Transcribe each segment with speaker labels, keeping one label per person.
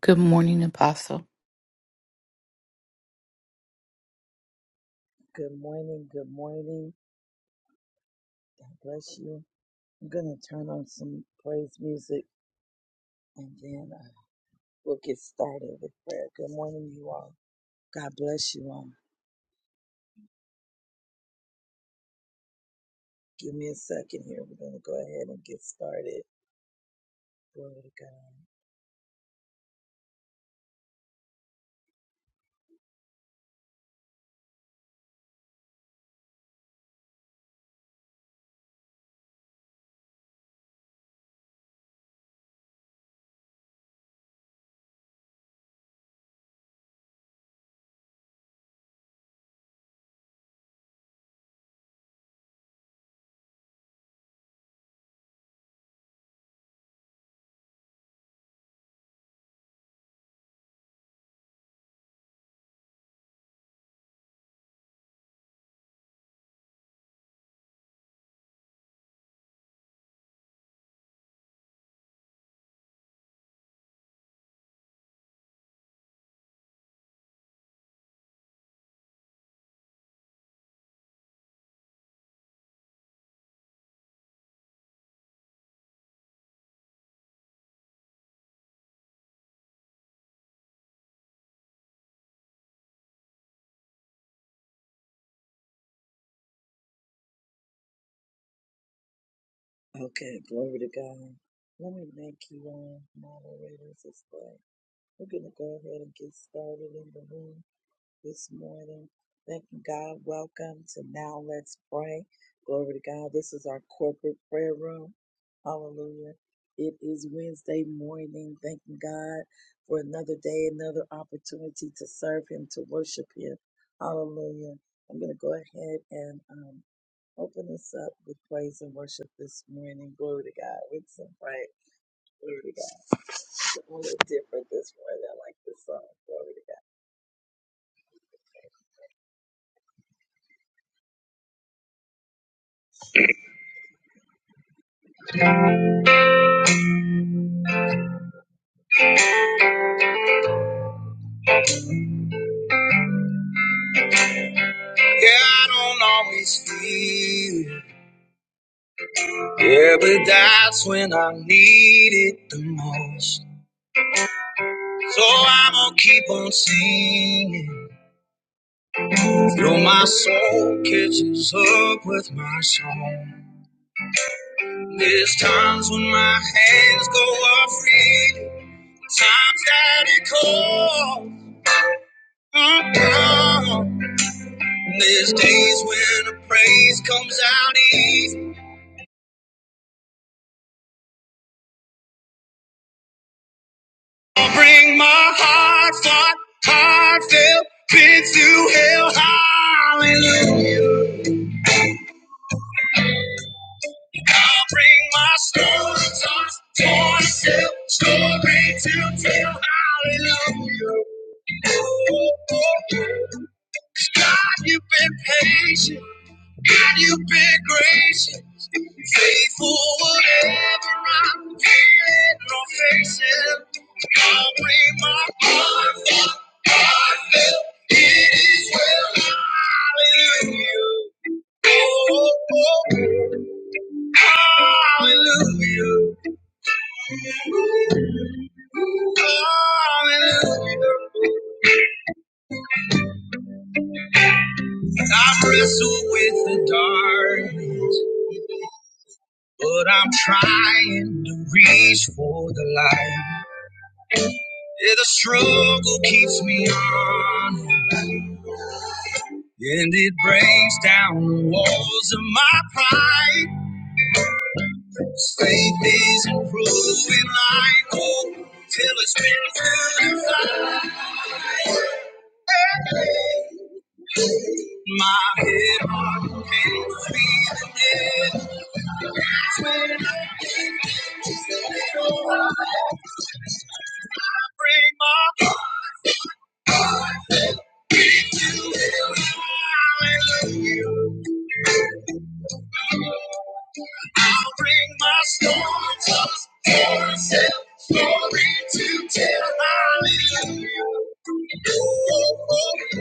Speaker 1: Good morning, Apostle.
Speaker 2: Yeah, I don't always feel it. Yeah, but that's when I need it the most. So I'm gonna keep on singing till my soul catches up with my song. There's times when my hands go off reading, times that it calls. There's days when the praise comes out easy. I'll bring my heart, heart, heartfelt bid to hell. Hallelujah. I'll bring my story, thoughts, torn, still. story to tell. Hallelujah. God, you've been patient. God, you've been gracious, faithful whatever I'm feeling or facing. I'll bring my heart, full, heart filled. it is well. Hallelujah. Oh, oh, oh, oh, oh, hallelujah. Hallelujah. I wrestle with the dark. But I'm trying to reach for the light. Yeah, the struggle keeps me on, and it brings down the walls of my pride. Faith is improving like gold till it's been purified. My head on can't feel again. That's when I think it's a little while. Bring my Hallelujah. I'll bring my storms up for himself. Story to tell, hallelujah. Oh, oh, oh.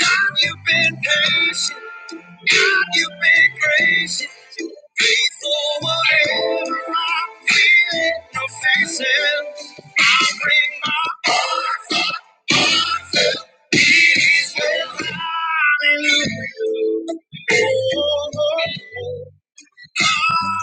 Speaker 2: God, you've been patient. God, you've been gracious. Faithful whatever I'm feeling or facing. I'll bring my arms up. arms up. It is well, hallelujah. Oh. oh, Oh,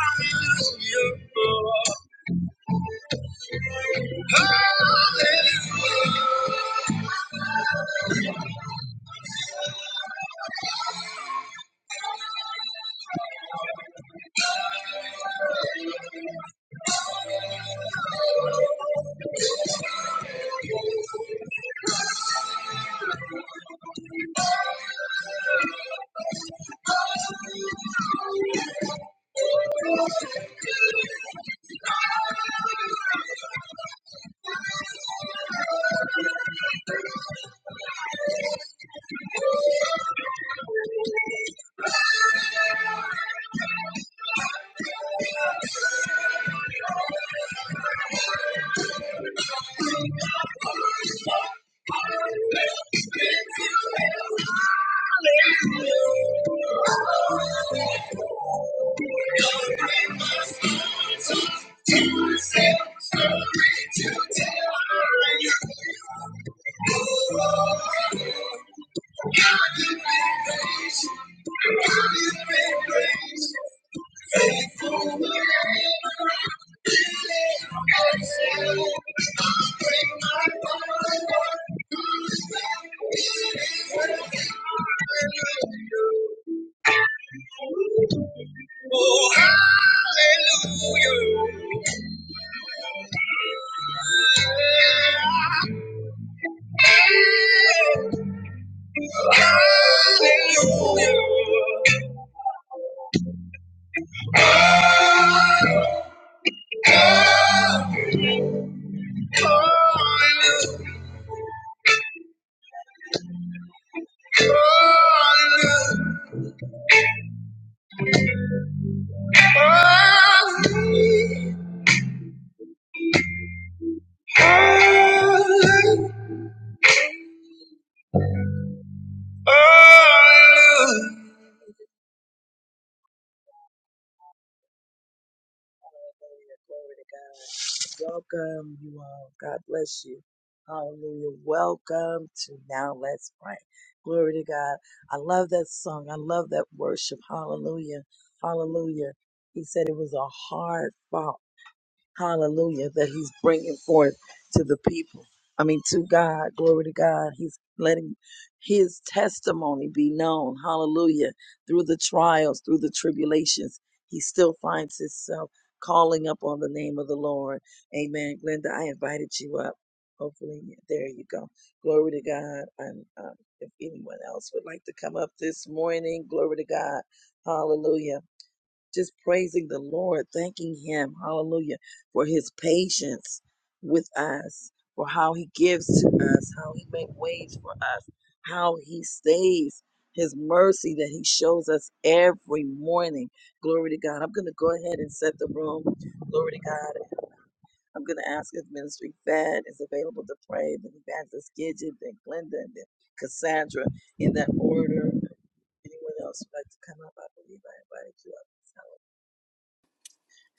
Speaker 2: hallelujah. Hallelujah. Hallelujah. Hallelujah. Hallelujah.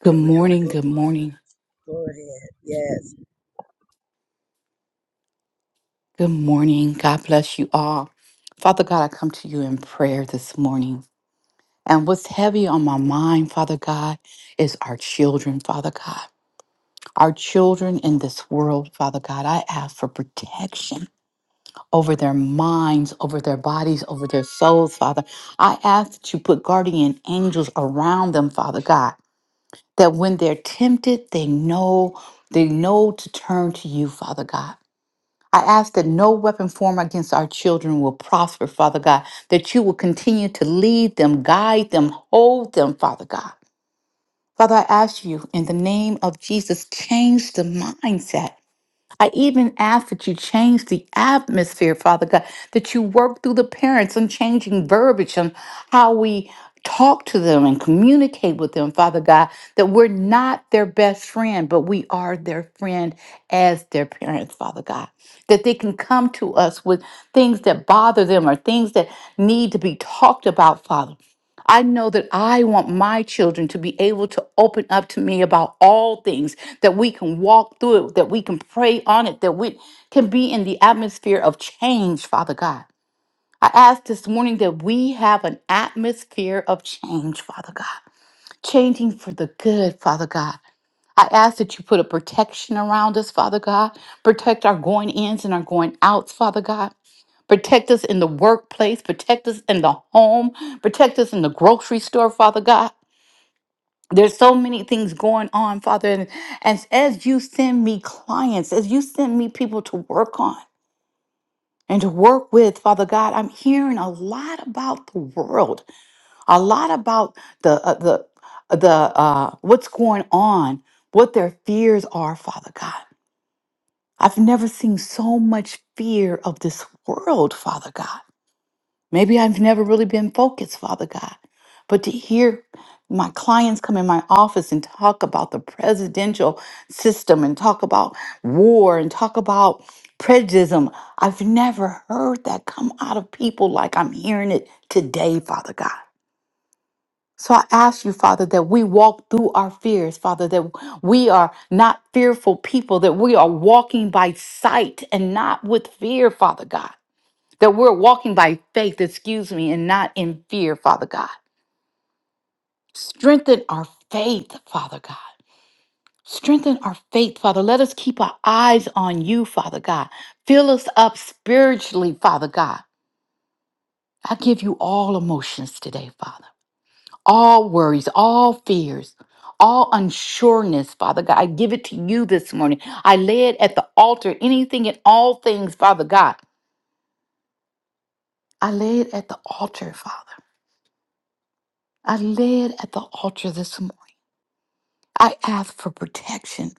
Speaker 1: Good morning, good morning, good morning. God bless you all. Father God, I come to you in prayer this morning. And what's heavy on my mind, Father God, is our children, Father God. Our children in this world, Father God, I ask for protection over their minds, over their bodies, over their souls, Father. I ask that you put guardian angels around them, Father God, that when they're tempted, they know, they know to turn to you, Father God. I ask that no weapon formed against our children will prosper, Father God, that you will continue to lead them, guide them, hold them, Father God. Father, I ask you in the name of Jesus, change the mindset I even ask that you change the atmosphere, Father God, that you work through the parents on changing verbiage on how we talk to them and communicate with them, Father God, that we're not their best friend, but we are their friend as their parents, Father God. That they can come to us with things that bother them or things that need to be talked about, Father. I know that I want my children to be able to open up to me about all things, that we can walk through it, that we can pray on it, that we can be in the atmosphere of change, Father God. I ask this morning that we have an atmosphere of change, Father God, changing for the good, Father God. I ask that you put a protection around us, Father God. Protect our going ins and our going outs, Father God. Protect us in the workplace. Protect us in the home. Protect us in the grocery store, Father God. There's so many things going on, Father. And as, as you send me clients, as you send me people to work on and to work with, Father God, I'm hearing a lot about the world, a lot about the, uh, the, uh, the uh, what's going on, what their fears are, Father God. I've never seen so much fear of this world, Father God. Maybe I've never really been focused, Father God. But to hear my clients come in my office and talk about the presidential system and talk about war and talk about prejudice, I've never heard that come out of people like I'm hearing it today, Father God. So I ask you, Father, that we walk through our fears, Father, that we are not fearful people, that we are walking by sight and not with fear, Father God that we're walking by faith, excuse me, and not in fear, Father God. Strengthen our faith, Father God. Strengthen our faith, Father. Let us keep our eyes on you, Father God. Fill us up spiritually, Father God. I give you all emotions today, Father. All worries, all fears, all unsureness, Father God. I give it to you this morning. I lay it at the altar, anything and all things, Father God. I lay it at the altar, Father. I lay it at the altar this morning. I ask for protection.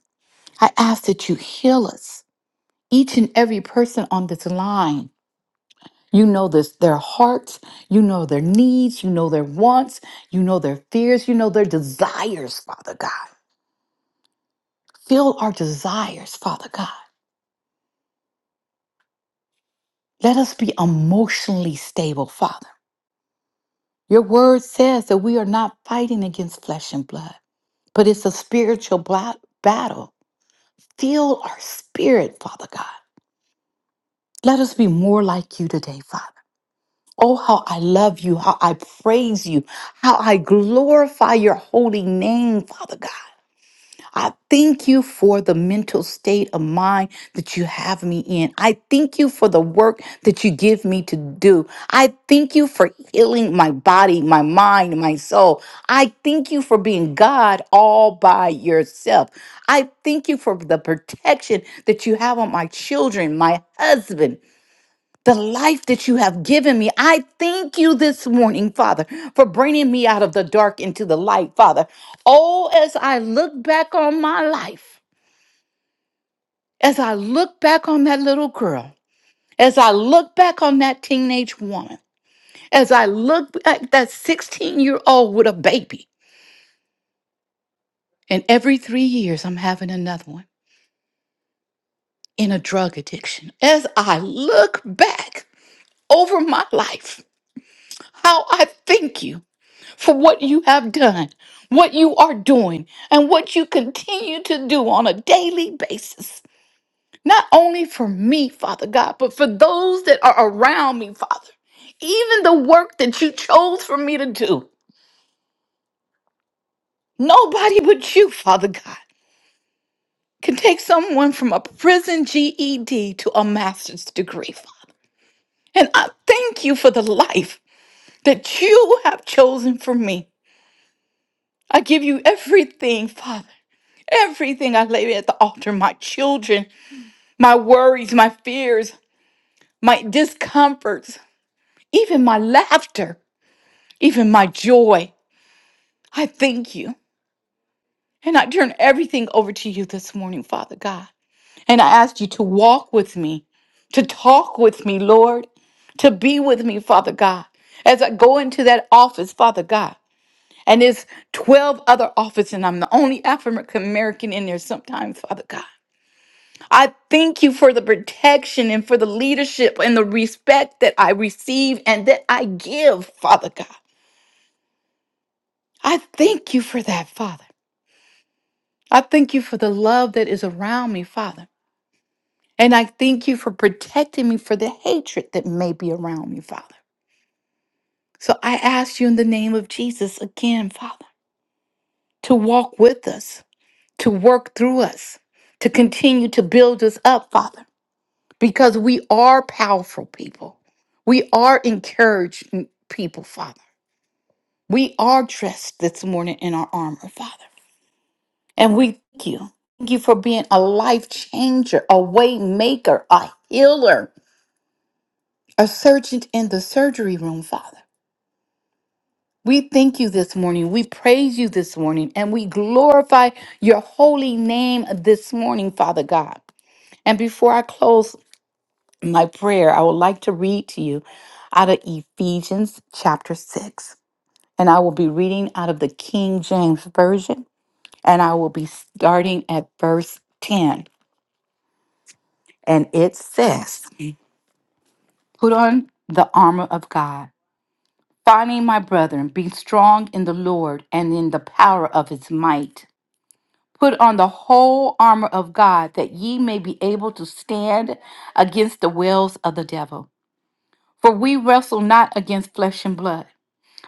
Speaker 1: I ask that you heal us, each and every person on this line. You know this, their hearts, you know their needs, you know their wants, you know their fears, you know their desires, Father God. Fill our desires, Father God. Let us be emotionally stable, Father. Your word says that we are not fighting against flesh and blood, but it's a spiritual bla- battle. Fill our spirit, Father God. Let us be more like you today, Father. Oh, how I love you, how I praise you, how I glorify your holy name, Father God. I thank you for the mental state of mind that you have me in. I thank you for the work that you give me to do. I thank you for healing my body, my mind, my soul. I thank you for being God all by yourself. I thank you for the protection that you have on my children, my husband the life that you have given me. I thank you this morning, Father, for bringing me out of the dark into the light, Father. Oh, as I look back on my life, as I look back on that little girl, as I look back on that teenage woman, as I look at that 16 year old with a baby, and every three years I'm having another one in a drug addiction. As I look back over my life, how I thank you for what you have done, what you are doing, and what you continue to do on a daily basis. Not only for me, Father God, but for those that are around me, Father. Even the work that you chose for me to do. Nobody but you, Father God, can take someone from a prison GED to a master's degree, Father. And I thank you for the life that you have chosen for me. I give you everything, Father. Everything I lay at the altar my children, my worries, my fears, my discomforts, even my laughter, even my joy. I thank you. And I turn everything over to you this morning, Father God. And I ask you to walk with me, to talk with me, Lord, to be with me, Father God, as I go into that office, Father God. And there's 12 other offices, and I'm the only African American in there sometimes, Father God. I thank you for the protection and for the leadership and the respect that I receive and that I give, Father God. I thank you for that, Father. I thank you for the love that is around me, Father. And I thank you for protecting me for the hatred that may be around me, Father. So I ask you in the name of Jesus again, Father, to walk with us, to work through us, to continue to build us up, Father. because we are powerful people. We are encouraged m- people, Father. We are dressed this morning in our armor, Father. And we thank you. Thank you for being a life changer, a way maker, a healer, a surgeon in the surgery room, Father. We thank you this morning. We praise you this morning and we glorify your holy name this morning, Father God. And before I close, my prayer, I would like to read to you out of Ephesians chapter 6. And I will be reading out of the King James Version. And I will be starting at verse 10. And it says, Put on the armor of God, finding my brethren, be strong in the Lord and in the power of his might. Put on the whole armor of God, that ye may be able to stand against the wiles of the devil. For we wrestle not against flesh and blood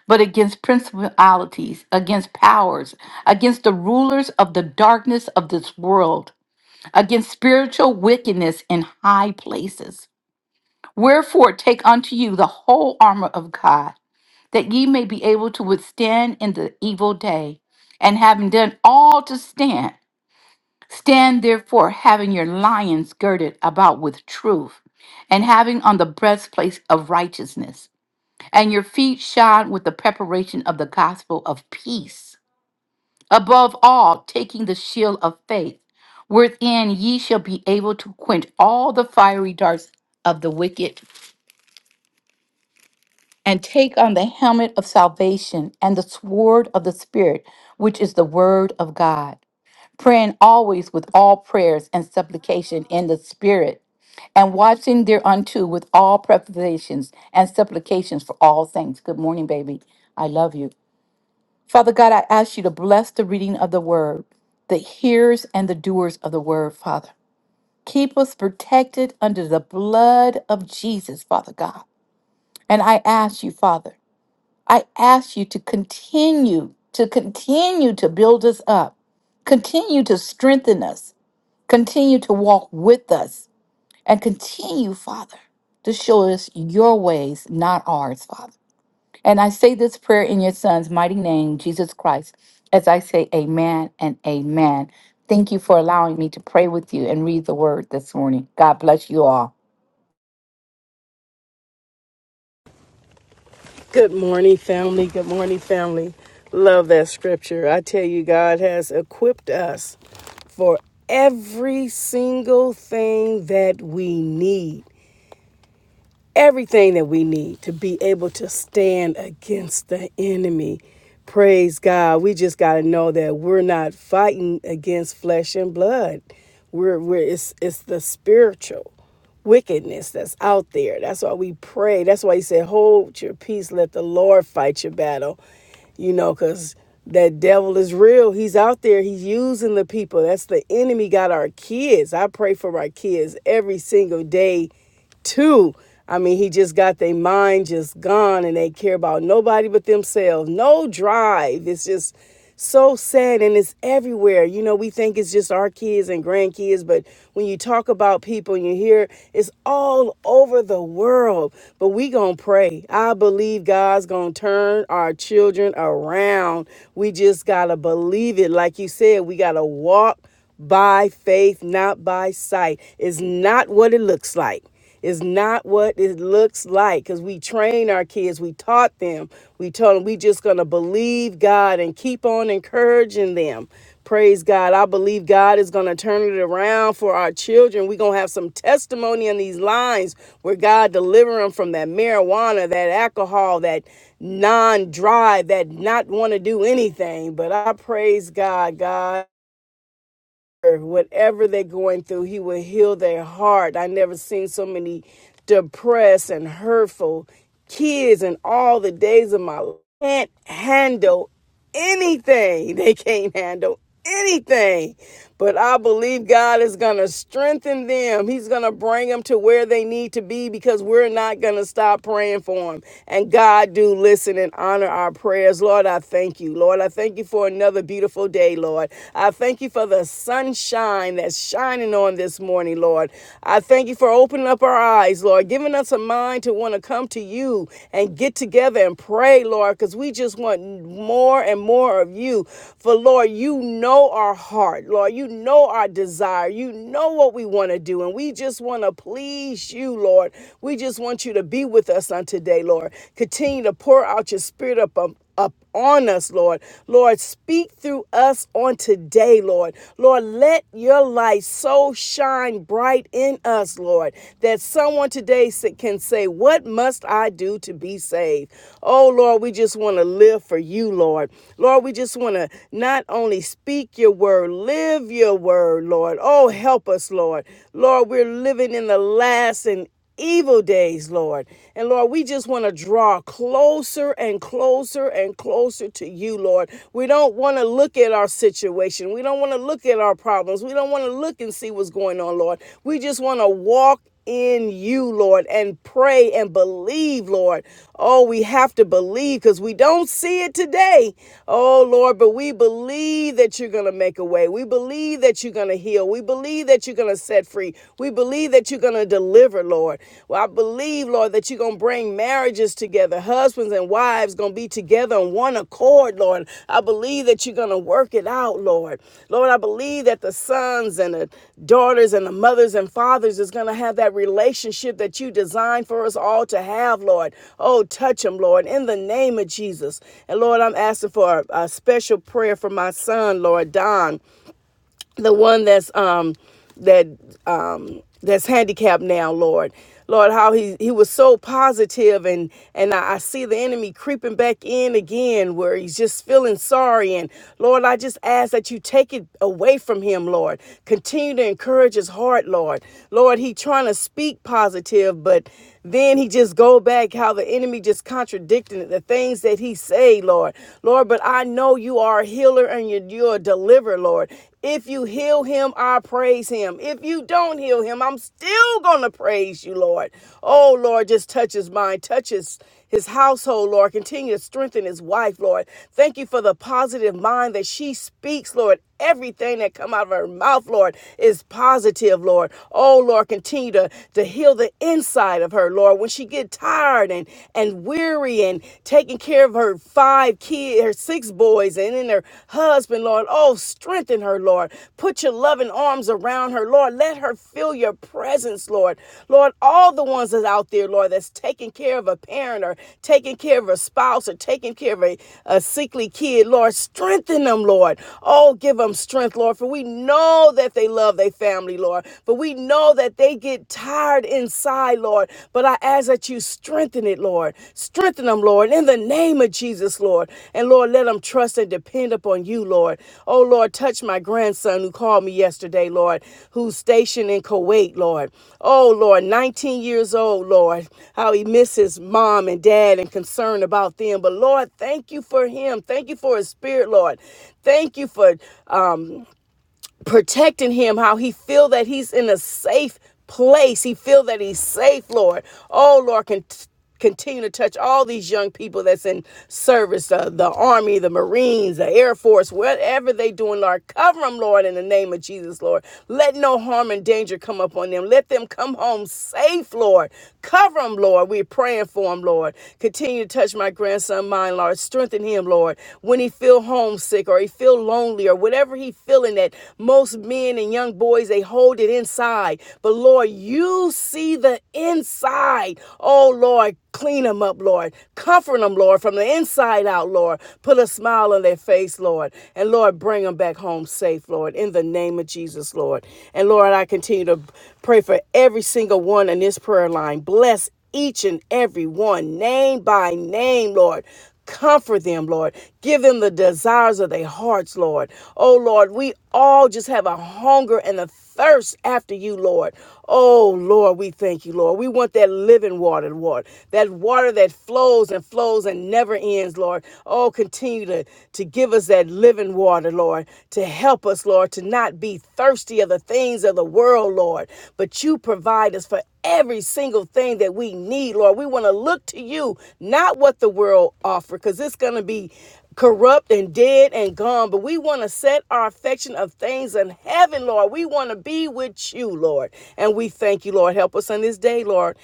Speaker 1: but against principalities, against powers, against the rulers of the darkness of this world, against spiritual wickedness in high places. Wherefore, take unto you the whole armor of God, that ye may be able to withstand in the evil day. And having done all to stand, stand therefore, having your lions girded about with truth, and having on the breastplate of righteousness and your feet shod with the preparation of the gospel of peace. Above all, taking the shield of faith, wherein ye shall be able to quench all the fiery darts of the wicked, and take on the helmet of salvation and the sword of the Spirit, which is the word of God. Praying always with all prayers and supplication in the Spirit, and watching thereunto with all preparations and supplications for all things. Good morning, baby. I love you Father God, I ask you to bless the reading of the word, the hearers and the doers of the word, Father. Keep us protected under the blood of Jesus, Father God. And I ask you, Father, I ask you to continue, to continue to build us up, continue to strengthen us, continue to walk with us, and continue, Father, to show us your ways, not ours, Father. And I say this prayer in your son's mighty name, Jesus Christ, as I say amen and amen. Thank you for allowing me to pray with you and read the word this morning. God bless you all.
Speaker 3: Good morning, family. Good morning, family. Love that scripture. I tell you, God has equipped us for every single thing that we need everything that we need to be able to stand against the enemy. Praise God. We just got to know that we're not fighting against flesh and blood. We're, we're it's, it's the spiritual wickedness that's out there. That's why we pray. That's why he said, Hold your peace, let the Lord fight your battle. You know, because that devil is real. He's out there, he's using the people. That's the enemy, got our kids. I pray for our kids every single day too. I mean, he just got their mind just gone and they care about nobody but themselves. No drive. It's just so sad and it's everywhere. You know, we think it's just our kids and grandkids, but when you talk about people and you hear it's all over the world. But we going to pray. I believe God's going to turn our children around. We just got to believe it. Like you said, we got to walk by faith, not by sight. It's not what it looks like. It's not what it looks like because we train our kids, we taught them, we told them we just gonna believe God and keep on encouraging them. Praise God. I believe God is going to turn it around for our children. We're going to have some testimony in these lines where God deliver them from that marijuana, that alcohol, that non drive, that not want to do anything. But I praise God, God whatever they're going through, he will heal their heart. I never seen so many depressed and hurtful kids in all the days of my life. Can't handle anything. They can't handle anything. But I believe God is going to strengthen them. He's going to bring them to where they need to be because we're not going to stop praying for them. And God do listen and honor our prayers. Lord, I thank you. Lord, I thank you for you for another beautiful day, Lord. I thank you for the sunshine that's shining on this morning, Lord. I thank you for opening up our eyes, Lord, giving us a mind to want to come to you and get together and pray, Lord, because we just want more and more of you. For, Lord, you know our heart, Lord. You know our desire. You know what we want to do, and we just want to please you, Lord. We just want you to be with us on today, Lord. Continue to pour out your spirit up up up on us, Lord. Lord, speak through us on today, Lord. Lord, let your light so shine bright in us, Lord, that someone today can say, What must I do to be saved? Oh, Lord, we just want to live for you, Lord. Lord, we just want to not only speak your word, live your word, Lord. Oh, help us, Lord. Lord, we're living in the last and evil days, Lord. And Lord, we just want to draw closer and closer and closer to you, Lord. We don't want to look at our situation. We don't want to look at our problems. We don't want to look and see what's going on, Lord. We just want to walk in you, Lord, and pray and believe, Lord. Oh, we have to believe because we don't see it today. Oh, Lord, but we believe that you're going to make a way. We believe that you're going to heal. We believe that you're going to going to set free. We believe that you're going to deliver, Lord. Well, I believe, Lord, that you're going to bring marriages together. Husbands and wives going to be together on one accord, Lord. I believe that you're going to work it out, Lord. Lord, I believe that the sons and the daughters and the mothers and fathers is going to have that relationship that you designed for us all to have, Lord. Oh, touch them, Lord, in the name of Jesus. And Lord, I'm asking for a, a special prayer for my son, Lord, Don the one that's um that um that's handicapped now lord lord how he he was so positive and and I, I see the enemy creeping back in again where he's just feeling sorry and lord i just ask that you take it away from him lord continue to encourage his heart lord lord he trying to speak positive but then he just go back how the enemy just contradicting the things that he say, Lord. Lord, but I know you are a healer and you're, you're a deliverer, Lord. If you heal him, I praise him. If you don't heal him, I'm still going to praise you, Lord. Oh, Lord, just touch his mind, touch his his household, Lord. Continue to strengthen his wife, Lord. Thank you for the positive mind that she speaks, Lord. Everything that come out of her mouth, Lord, is positive, Lord. Oh, Lord, continue to, to heal the inside of her, Lord. When she get tired and, and weary and taking care of her five kids, her six boys, and then her husband, Lord. Oh, strengthen her, Lord. Put your loving arms around her, Lord. Let her feel your presence, Lord. Lord, all the ones that's out there, Lord, that's taking care of a parent or taking care of a spouse or taking care of a, a sickly kid, Lord, strengthen them, Lord. Oh, give them strength, Lord, for we know that they love their family, Lord. But we know that they get tired inside, Lord. But I ask that you strengthen Strengthen it, Lord. Strengthen them, Lord, in the name of Jesus, Lord. And Lord, let them trust and depend upon you, Lord. Oh, Lord, touch my grandson who called me yesterday, Lord, who's stationed in Kuwait, Lord. Oh, Lord, 19 years old, Lord, how he misses mom and dad and concern about them. But Lord, thank you for him. Thank you for his spirit, Lord. Thank you for um protecting him how he feel that he's in a safe place he feel that he's safe lord oh lord can continue to touch all these young people that's in service uh, the army the marines the air force whatever they doing lord cover them lord in the name of jesus lord let no harm and danger come upon them let them come home safe lord cover them lord we're praying for them lord continue to touch my grandson mine lord strengthen him lord when he feel homesick or he feel lonely or whatever he's feeling that most men and young boys they hold it inside. But Lord, you see the inside. Oh Lord, clean them up, Lord. Comfort them, Lord, from the inside out, Lord. Put a smile on their face, Lord. And Lord, bring them back home safe, Lord, in the name of Jesus, Lord. And Lord, I continue to pray for every single one in this prayer line. Bless each and every one, name by name, Lord. Comfort them, Lord. Give them the desires of their hearts, Lord. Oh, Lord, we all just have a hunger and a thirst after you, Lord. Oh, Lord, we thank you, Lord. We want that living water, Lord. That water that flows and flows and never ends, Lord. Oh, continue to, to give us that living water, Lord, to help us, Lord, to not be thirsty of the things of the world, Lord. But you provide us for every single thing that we need, Lord. We want to look to you, not what the world offers, because it's going to be corrupt and dead and gone. But we want to set our affection of things in heaven, Lord. We want to be with you, Lord. And we thank you, Lord. Help us on this day, Lord.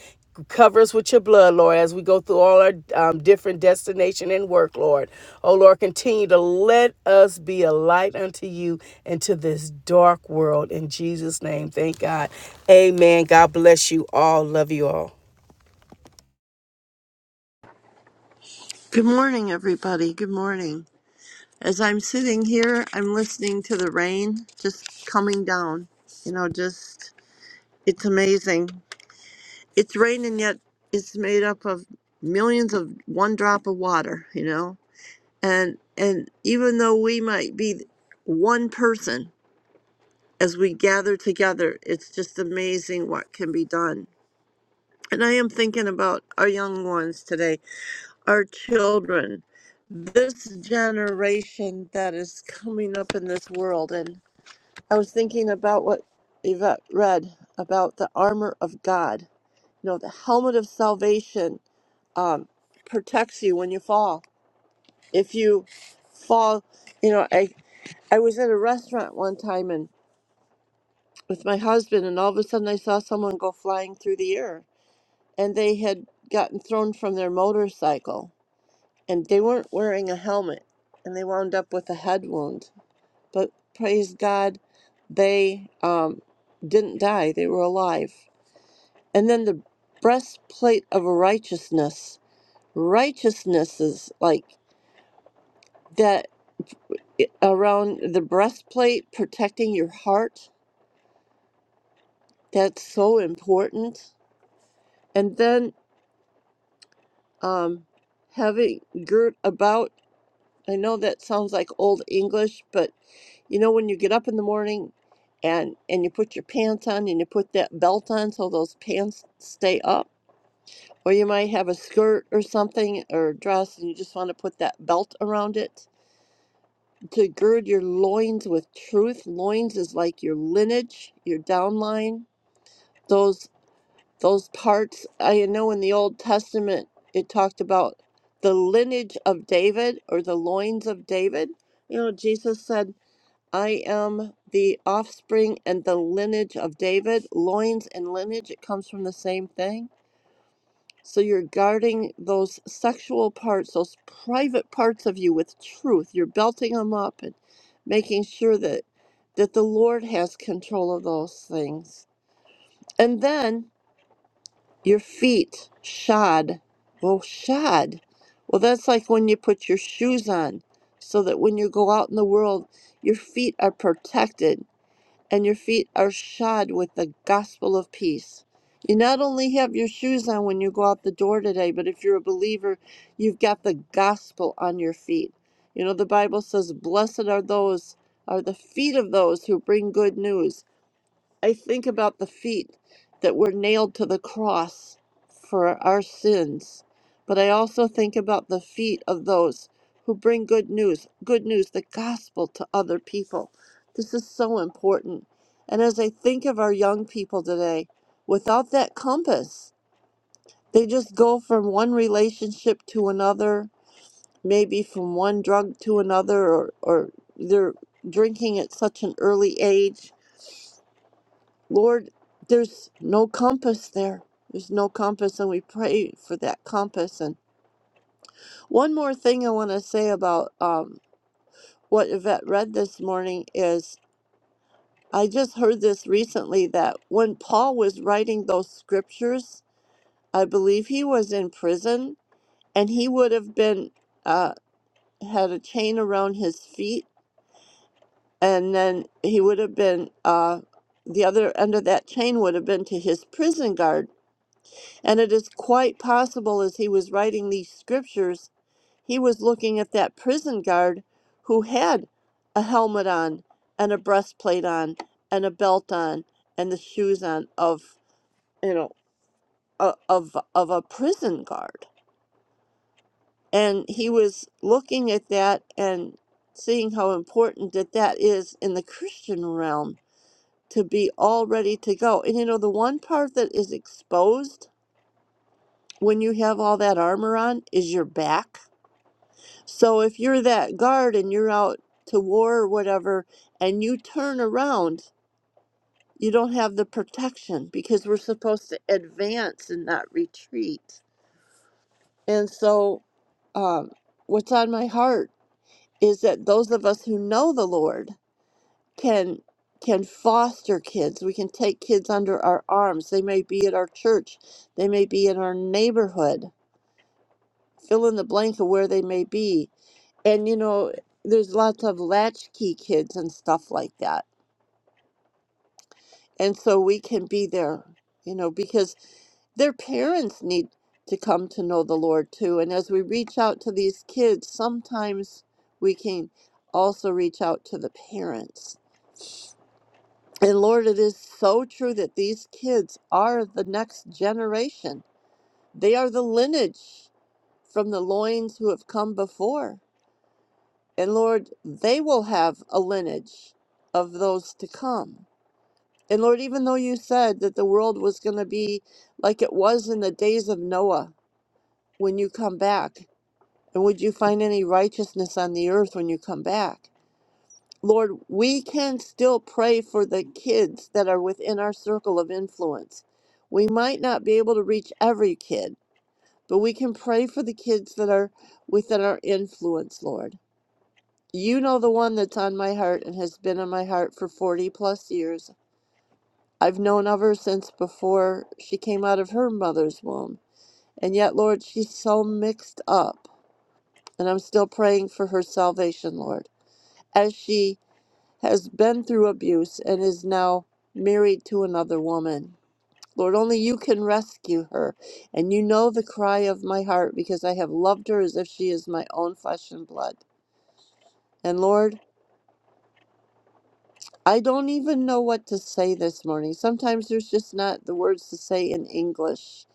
Speaker 3: Cover us with your blood, Lord, as we go through all our um, different destination and work, Lord. Oh, Lord, continue to let us be a light unto you and to this dark world. In Jesus' name, thank God. Amen. God bless you all. Love you all.
Speaker 4: Good morning, everybody. Good morning. As I'm sitting here, I'm listening to the rain just coming down. You know, just it's amazing. It's raining, yet it's made up of millions of one drop of water. You know, and and even though we might be one person as we gather together, it's just amazing what can be done. And I am thinking about our young ones today our children, this generation that is coming up in this world. And I was thinking about what Yvette read about the armor of God. You know, the helmet of salvation um, protects you when you fall. If you fall, you know, I, I was at a restaurant one time and with my husband, and all of a sudden I saw someone go flying through the air, and they had gotten thrown from their motorcycle and they weren't wearing a helmet and they wound up with a head wound but praise god they um, didn't die they were alive and then the breastplate of righteousness righteousness is like that i- around the breastplate protecting your heart that's so important and then um, having girt about i know that sounds like old english but You know, when you get up in the morning and and you put your pants on and you put that belt on so those pants stay up, or you might have a skirt or something or a dress and you just want to put that belt around it to gird your loins with truth. Loins is like your lineage, your downline. Those those parts I know in the Old Testament it talked about the lineage of David or the loins of David. You know, Jesus said I am the offspring and the lineage of David. Loins and lineage, it comes from the same thing. So you're guarding those sexual parts, those private parts of you with truth. You're belting them up and making sure that that the Lord has control of those things. And then your feet shod. Well, shod. Well, that's like when you put your shoes on so that when you go out in the world, your feet are protected and your feet are shod with the gospel of peace. You not only have your shoes on when you go out the door today, but if you're a believer, you've got the gospel on your feet. You know, the Bible says, Blessed are those, are the feet of those who bring good news. I think about the feet that were nailed to the cross for our sins, but I also think about the feet of those who bring good news, good news, the gospel to other people. This is so important. And as I think of our young people today, without that compass, they just go from one relationship to another, maybe from one drug to another, or, or they're drinking at such an early age Lord, there's no compass there. There's no compass, and we pray for that compass. And one more thing I want to say about um, what Yvette read this morning is I just heard this recently that when Paul was writing those scriptures, I believe he was in prison and he would have been uh, had a chain around his feet, and then he would have been uh, the other end of that chain would have been to his prison guard And it is quite possible as he was writing these scriptures, he was looking at that prison guard who had a helmet on and a breastplate on and a belt on and the shoes on of, you know, o- of of a prison guard. And he was looking at that and seeing how important that that is in the Christian realm to be all ready to go. And you know, the one part that is exposed when you have all that armor on is your back So if you're that guard and you're out to war or whatever, and you turn around, you don't have the protection because we're supposed to advance and not retreat. And so, um, what's on my heart is that those of us who know the Lord can can foster kids. We can take kids under our arms. They may be at our church. They may be in our neighborhood. Fill in the blank of where they may be and you know there's lots of latchkey kids and stuff like that and so we can be there you know because their parents need to come to know the lord too and as we reach out to these kids sometimes we can also reach out to the parents and lord it is so true that these kids are the next generation they are the lineage from the loins who have come before And Lord, they will have a lineage of those to come. And Lord, even though you said that the world was going to be like it was in the days of Noah when you come back, and would you find any righteousness on the earth when you come back? Lord, we can still pray for the kids that are within our circle of influence. We might not be able to reach every kid, but we can pray for the kids that are within our influence, Lord. You know the one that's on my heart and has been on my heart for 40 plus years. I've known of her since before she came out of her mother's womb. And yet, Lord, she's so mixed up. And I'm still praying for her salvation, Lord, as she has been through abuse and is now married to another woman. Lord, only you can rescue her. And you know the cry of my heart because I have loved her as if she is my own flesh and blood. And Lord, I don't even know what to say this morning. Sometimes there's just not the words to say in English,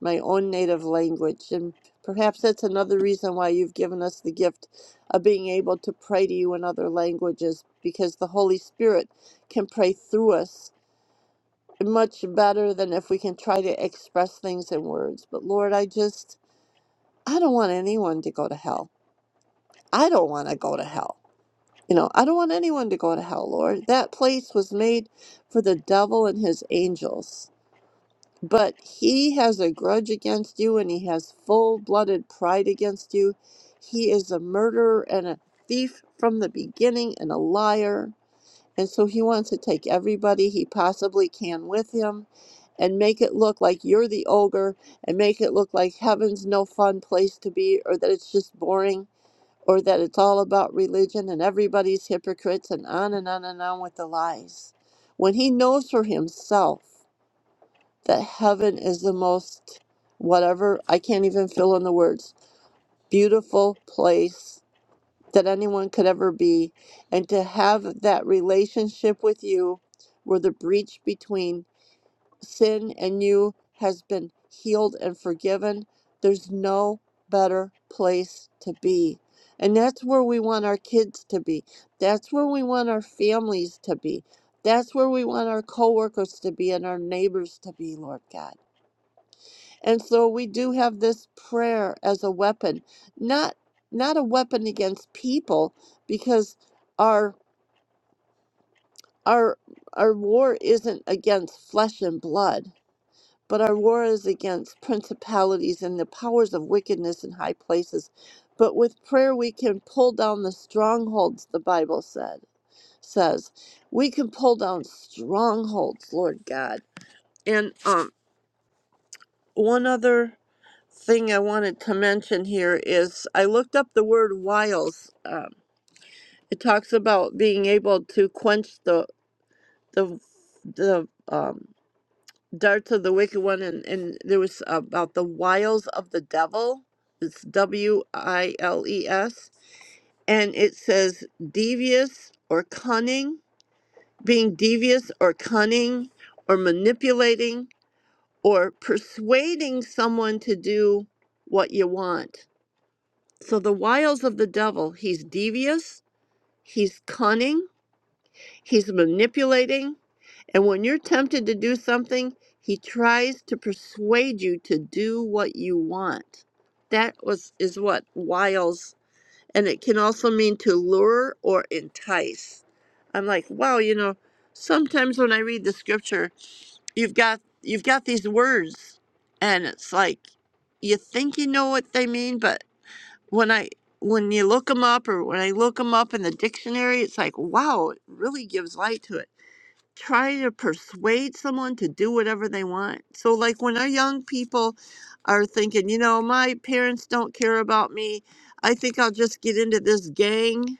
Speaker 4: my own native language. And perhaps that's another reason why you've given us the gift of being able to pray to you in other languages, because the Holy Spirit can pray through us much better than if we can try to express things in words. But Lord, I just, I don't want anyone to go to hell. I don't want to go to hell. You know, I don't want anyone to go to hell, Lord. That place was made for the devil and his angels. But he has a grudge against you and he has full blooded pride against you. He is a murderer and a thief from the beginning and a liar. And so he wants to take everybody he possibly can with him and make it look like you're the ogre and make it look like heaven's no fun place to be or that it's just boring or that it's all about religion and everybody's hypocrites and on and on and on with the lies. When he knows for himself that heaven is the most, whatever, I can't even fill in the words, beautiful place that anyone could ever be. And to have that relationship with you where the breach between sin in you has been healed and forgiven, there's no better place to be. And that's where we want our kids to be. That's where we want our families to be. That's where we want our coworkers to be and our neighbors to be, Lord God. And so we do have this prayer as a weapon, not not a weapon against people, because our our our war isn't against flesh and blood But our war is against principalities and the powers of wickedness in high places. But with prayer we can pull down the strongholds, the Bible said says. We can pull down strongholds, Lord God. And um one other thing I wanted to mention here is I looked up the word wiles. Um, it talks about being able to quench the the the um, darts of the wicked one and, and there was about the wiles of the devil it's w-i-l-e-s and it says devious or cunning being devious or cunning or manipulating or persuading someone to do what you want so the wiles of the devil he's devious he's cunning he's manipulating And when you're tempted to do something, he tries to persuade you to do what you want. That was is what wiles and it can also mean to lure or entice. I'm like, wow, you know, sometimes when I read the scripture, you've got you've got these words and it's like you think you know what they mean, but when I when you look them up or when I look them up in the dictionary, it's like, wow, it really gives light to it try to persuade someone to do whatever they want. So, like when our young people are thinking, you know, my parents don't care about me, I think I'll just get into this gang.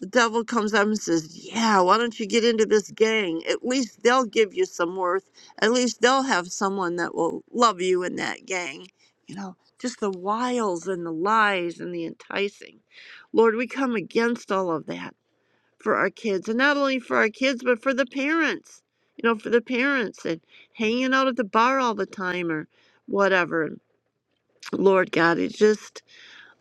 Speaker 4: The devil comes up and says, Yeah, why don't you get into this gang? At least they'll give you some worth. At least they'll have someone that will love you in that gang. You know, just the wiles and the lies and the enticing. Lord, we come against all of that for our kids and not only for our kids but for the parents you know for the parents and hanging out at the bar all the time or whatever lord god it's just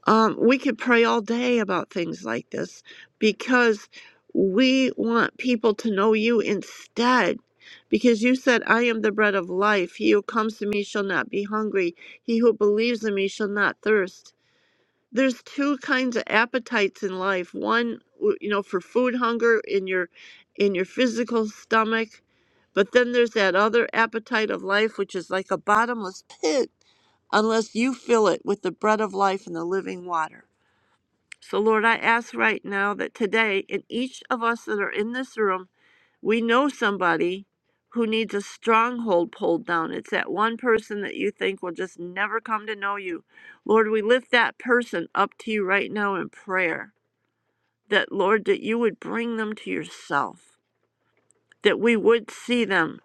Speaker 4: um, we could pray all day about things like this because we want people to know you instead because you said i am the bread of life he who comes to me shall not be hungry he who believes in me shall not thirst there's two kinds of appetites in life one w- you know for food hunger in your in your physical stomach but then there's that other appetite of life which is like a bottomless pit unless you fill it with the bread of life and the living water so lord i ask right now that today in each of us that are in this room we know somebody who needs a stronghold pulled down. It's that one person that you think will just never come to know you. Lord, we lift that person up to you right now in prayer. That, Lord, that you would bring them to yourself, that we would see them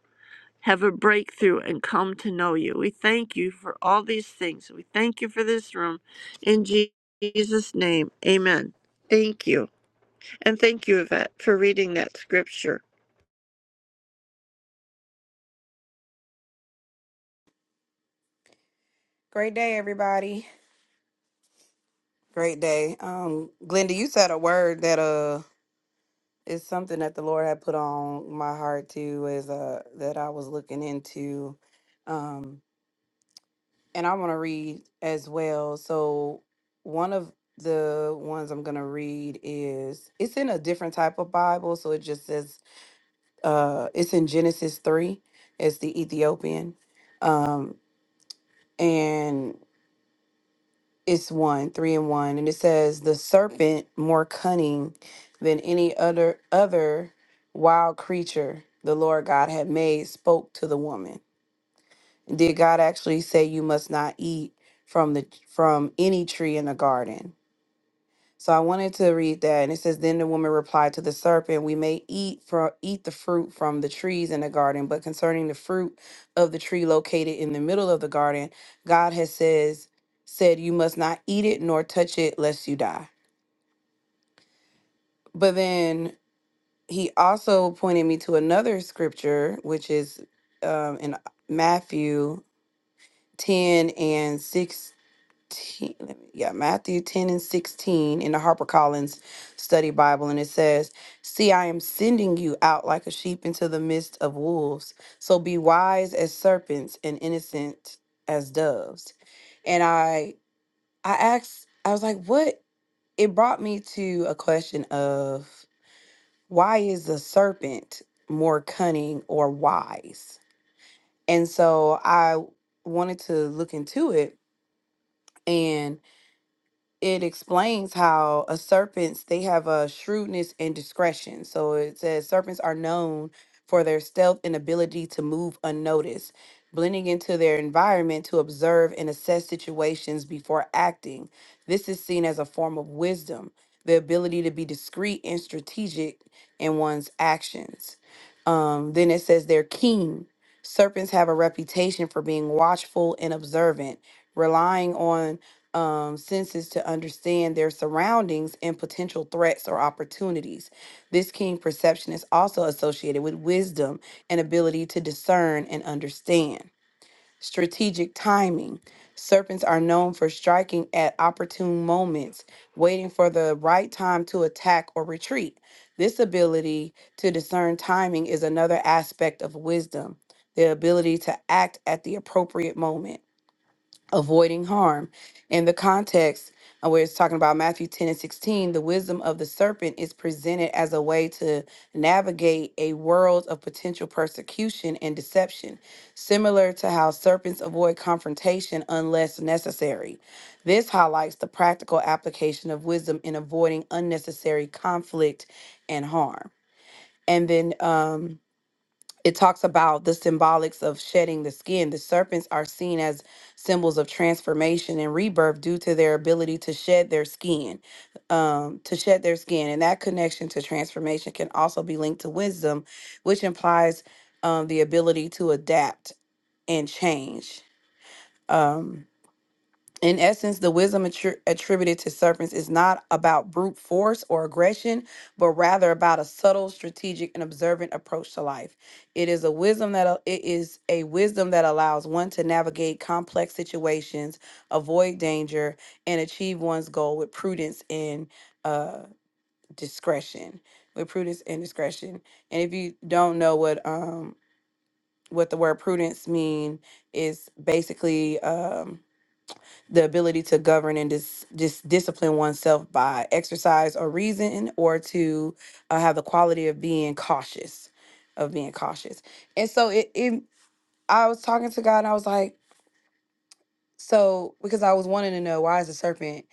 Speaker 4: have a breakthrough and come to know you. We thank you for all these things. We thank you for this room. In Jesus' name, amen. Thank you. And thank you, Yvette, for reading that scripture.
Speaker 5: Great day, everybody. Great day. Um, Glenda, you said a word that uh is something that the Lord had put on my heart too, is uh that I was looking into. Um, and I want to read as well. So one of the ones I'm gonna read is it's in a different type of Bible, so it just says uh it's in Genesis three. It's the Ethiopian. Um, and it's one, three and one, and it says the serpent more cunning than any other other wild creature the Lord God had made spoke to the woman. Did God actually say you must not eat from the from any tree in the garden? So I wanted to read that, and it says, "Then the woman replied to the serpent, We may eat from eat the fruit from the trees in the garden, but concerning the fruit of the tree located in the middle of the garden, God has says said you must not eat it nor touch it lest you die." But then he also pointed me to another scripture, which is um, in Matthew ten and six 10 let me- yeah, Matthew 10 and 16 in the HarperCollins Study Bible. And it says, See, I am sending you out like a sheep into the midst of wolves. So be wise as serpents and innocent as doves. And I I asked, I was like, what? It brought me to a question of why is the serpent more cunning or wise? And so I wanted to look into it. and. it explains how a serpents they have a shrewdness and discretion. So it says serpents are known for their stealth and ability to move unnoticed, blending into their environment to observe and assess situations before acting. This is seen as a form of wisdom, the ability to be discreet and strategic in one's actions. Um, then it says they're keen. Serpents have a reputation for being watchful and observant, relying on um, senses to understand their surroundings and potential threats or opportunities. This keen perception is also associated with wisdom and ability to discern and understand. Strategic timing. Serpents are known for striking at opportune moments, waiting for the right time to attack or retreat. This ability to discern timing is another aspect of wisdom, the ability to act at the appropriate moment avoiding harm. In the context uh, where it's talking about Matthew 10 and 16, the wisdom of the serpent is presented as a way to navigate a world of potential persecution and deception, similar to how serpents avoid confrontation unless necessary. This highlights the practical application of wisdom in avoiding unnecessary conflict and harm. And then, um it talks about the symbolics of shedding the skin. The serpents are seen as symbols of transformation and rebirth due to their ability to shed their skin, um, to shed their skin. And that connection to transformation can also be linked to wisdom, which implies um, the ability to adapt and change. Um, in essence, the wisdom attri- attributed to serpents is not about brute force or aggression, but rather about a subtle, strategic, and observant approach to life. It is a wisdom that al- it is a wisdom that allows one to navigate complex situations, avoid danger, and achieve one's goal with prudence and uh, discretion. With prudence and discretion. And if you don't know what um, what the word prudence mean, is basically. Um, the ability to govern and dis, just discipline oneself by exercise or reason or to uh, have the quality of being cautious of being cautious and so it, it i was talking to god and i was like so because i was wanting to know why is the serpent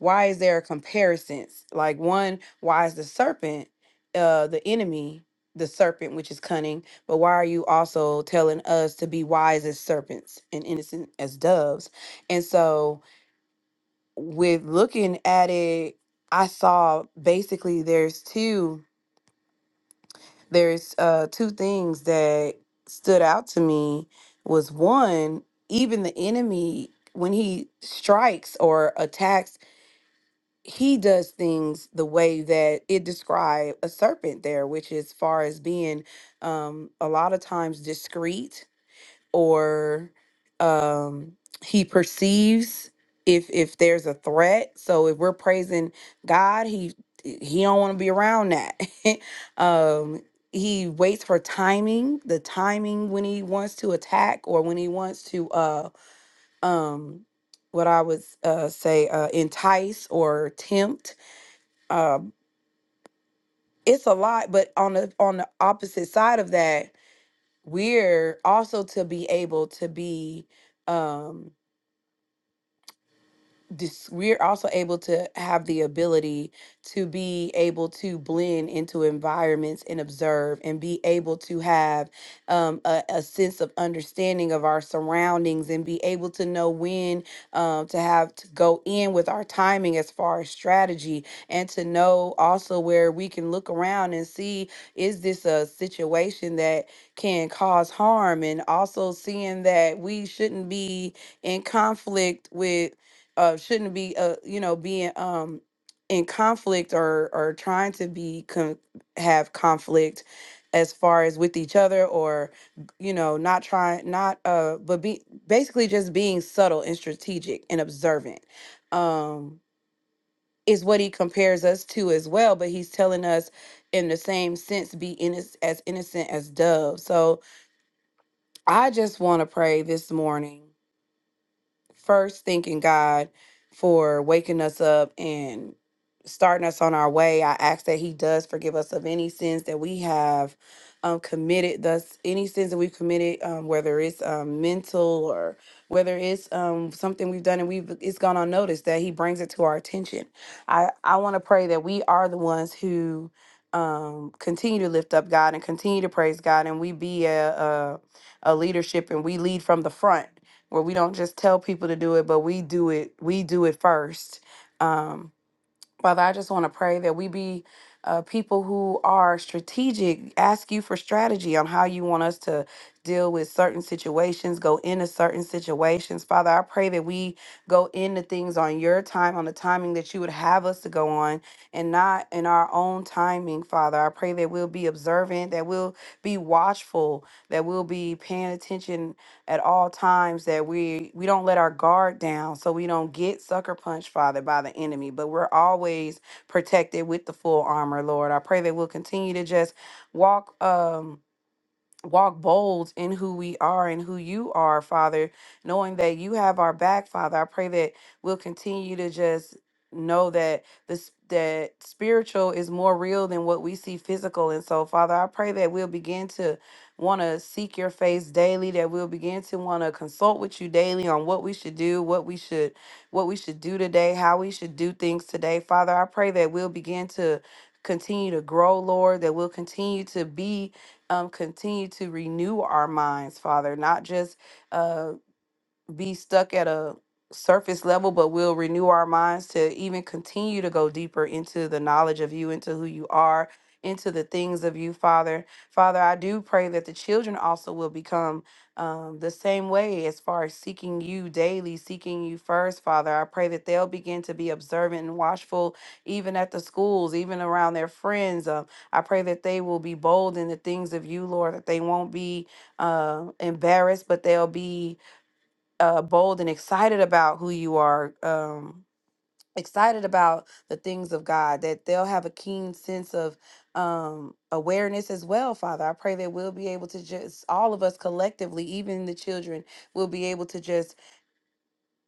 Speaker 5: why is there a comparison like one why is the serpent uh the enemy the serpent which is cunning but why are you also telling us to be wise as serpents and innocent as doves and so with looking at it, I saw basically there's two there's uh two things that stood out to me was one, even the enemy when he strikes or attacks, he does things the way that it described a serpent there, which is far as being um a lot of times discreet or um he perceives if if there's a threat so if we're praising god he he don't want to be around that um he waits for timing the timing when he wants to attack or when he wants to uh um what i would uh say uh entice or tempt um it's a lot but on the on the opposite side of that we're also to be able to be um this we're also able to have the ability to be able to blend into environments and observe and be able to have um, a, a sense of understanding of our surroundings and be able to know when um, to have to go in with our timing as far as strategy and to know also where we can look around and see is this a situation that can cause harm and also seeing that we shouldn't be in conflict with uh shouldn't be uh you know being um in conflict or or trying to be con- have conflict as far as with each other or you know not trying not uh but be basically just being subtle and strategic and observant um is what he compares us to as well but he's telling us in the same sense be inno- as innocent as doves so i just want to pray this morning first thanking God for waking us up and starting us on our way. I ask that He does forgive us of any sins that we have um, committed, thus, any sins that we've committed, um, whether it's um, mental or whether it's um, something we've done and we've it's gone unnoticed, that He brings it to our attention. I, I want to pray that we are the ones who. Um, continue to lift up God and continue to praise God, and we be a, a a leadership and we lead from the front where we don't just tell people to do it, but we do it. We do it first. Um, Father, I just want to pray that we be uh, people who are strategic. Ask you for strategy on how you want us to deal with certain situations, go into certain situations. Father, I pray that we go into things on your time, on the timing that you would have us to go on, and not in our own timing. Father, I pray that we'll be observant, that we'll be watchful, that we'll be paying attention at all times that we we don't let our guard down so we don't get sucker punched father by the enemy but we're always protected with the full armor lord i pray that we'll continue to just walk um walk bold in who we are and who you are, Father, knowing that you have our back, Father. I pray that we'll continue to just know that this that spiritual is more real than what we see physical. And so, Father, I pray that we'll begin to want to seek your face daily, that we'll begin to want to consult with you daily on what we should do, what we should what we should do today, how we should do things today. Father, I pray that we'll begin to continue to grow, Lord, that we'll continue to be um, continue to renew our minds, Father, not just. Uh, be stuck at a surface level, but we'll renew our minds to even continue to go deeper into the knowledge of you, into who you are, into the things of you, Father. Father, I do pray that the children also will become um, the same way as far as seeking you daily, seeking you first, Father. I pray that they'll begin to be observant and watchful, even at the schools, even around their friends. Um, I pray that they will be bold in the things of you, Lord, that they won't be uh, embarrassed, but they'll be uh, bold and excited about who you are, um, excited about the things of God, that they'll have a keen sense of um, awareness as well, Father. I pray that we'll be able to just, all of us collectively, even the children, will be able to just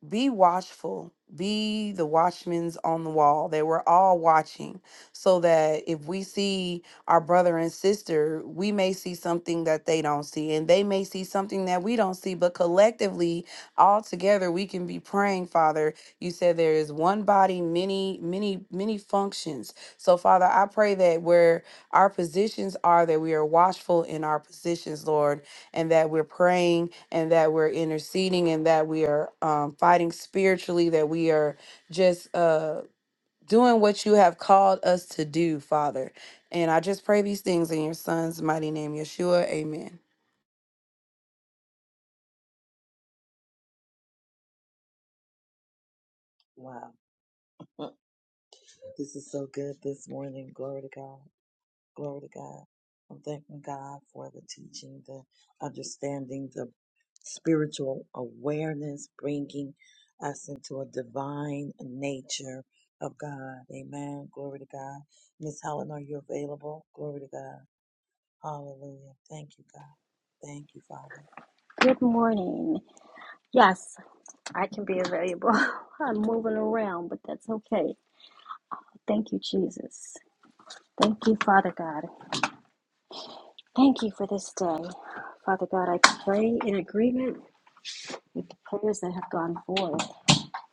Speaker 5: be watchful be the watchmen's on the wall They were all watching so that if we see our brother and sister we may see something that they don't see and they may see something that we don't see but collectively all together we can be praying father you said there is one body many many many functions so father i pray that where our positions are that we are watchful in our positions lord and that we're praying and that we're interceding and that we are um, fighting spiritually, that we are just uh, doing what you have called us to do, Father. And I just pray these things in your son's mighty name, Yeshua. Amen.
Speaker 6: Good morning. Yes, I can be available. I'm moving around, but that's okay. Thank you, Jesus. Thank you, Father God. Thank you for this day. Father God, I pray in agreement with the prayers that have gone forth.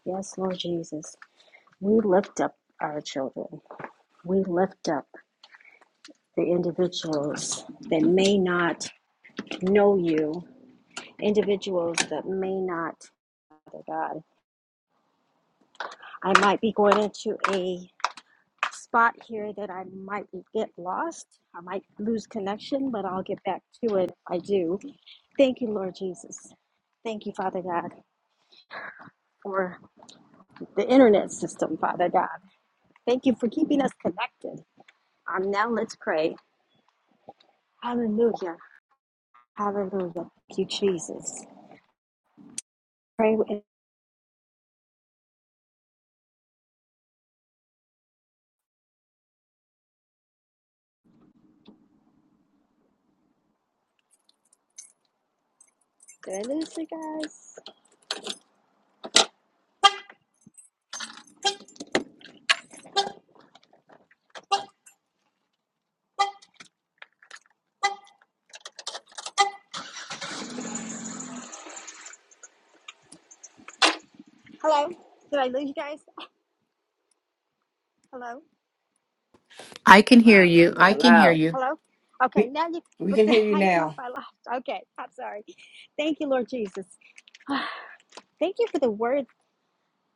Speaker 6: Yes, Lord Jesus. We lift up our children. We lift up the individuals that may not know you, individuals that may not, Father God. I might be going into a spot here that I might get lost. I might lose connection, but I'll get back to it if I do. Thank you, Lord Jesus. Thank you, Father God, for the internet system, Father God. Thank you for keeping us connected. Um, now let's pray. Hallelujah. Hallelujah. Thank you, Jesus. Pray with goodness, you guys. Hello? Did I lose you guys? Hello?
Speaker 1: I can hear you. I
Speaker 6: Can
Speaker 1: can
Speaker 6: you?
Speaker 1: hear
Speaker 7: Hello.
Speaker 1: you.
Speaker 6: Hello? Okay,
Speaker 3: We,
Speaker 6: now you,
Speaker 3: we
Speaker 6: but
Speaker 3: can hear you
Speaker 6: I didn't know if
Speaker 3: now.
Speaker 6: I lost. Okay, I'm sorry. Thank you, Lord Jesus. Thank you for the word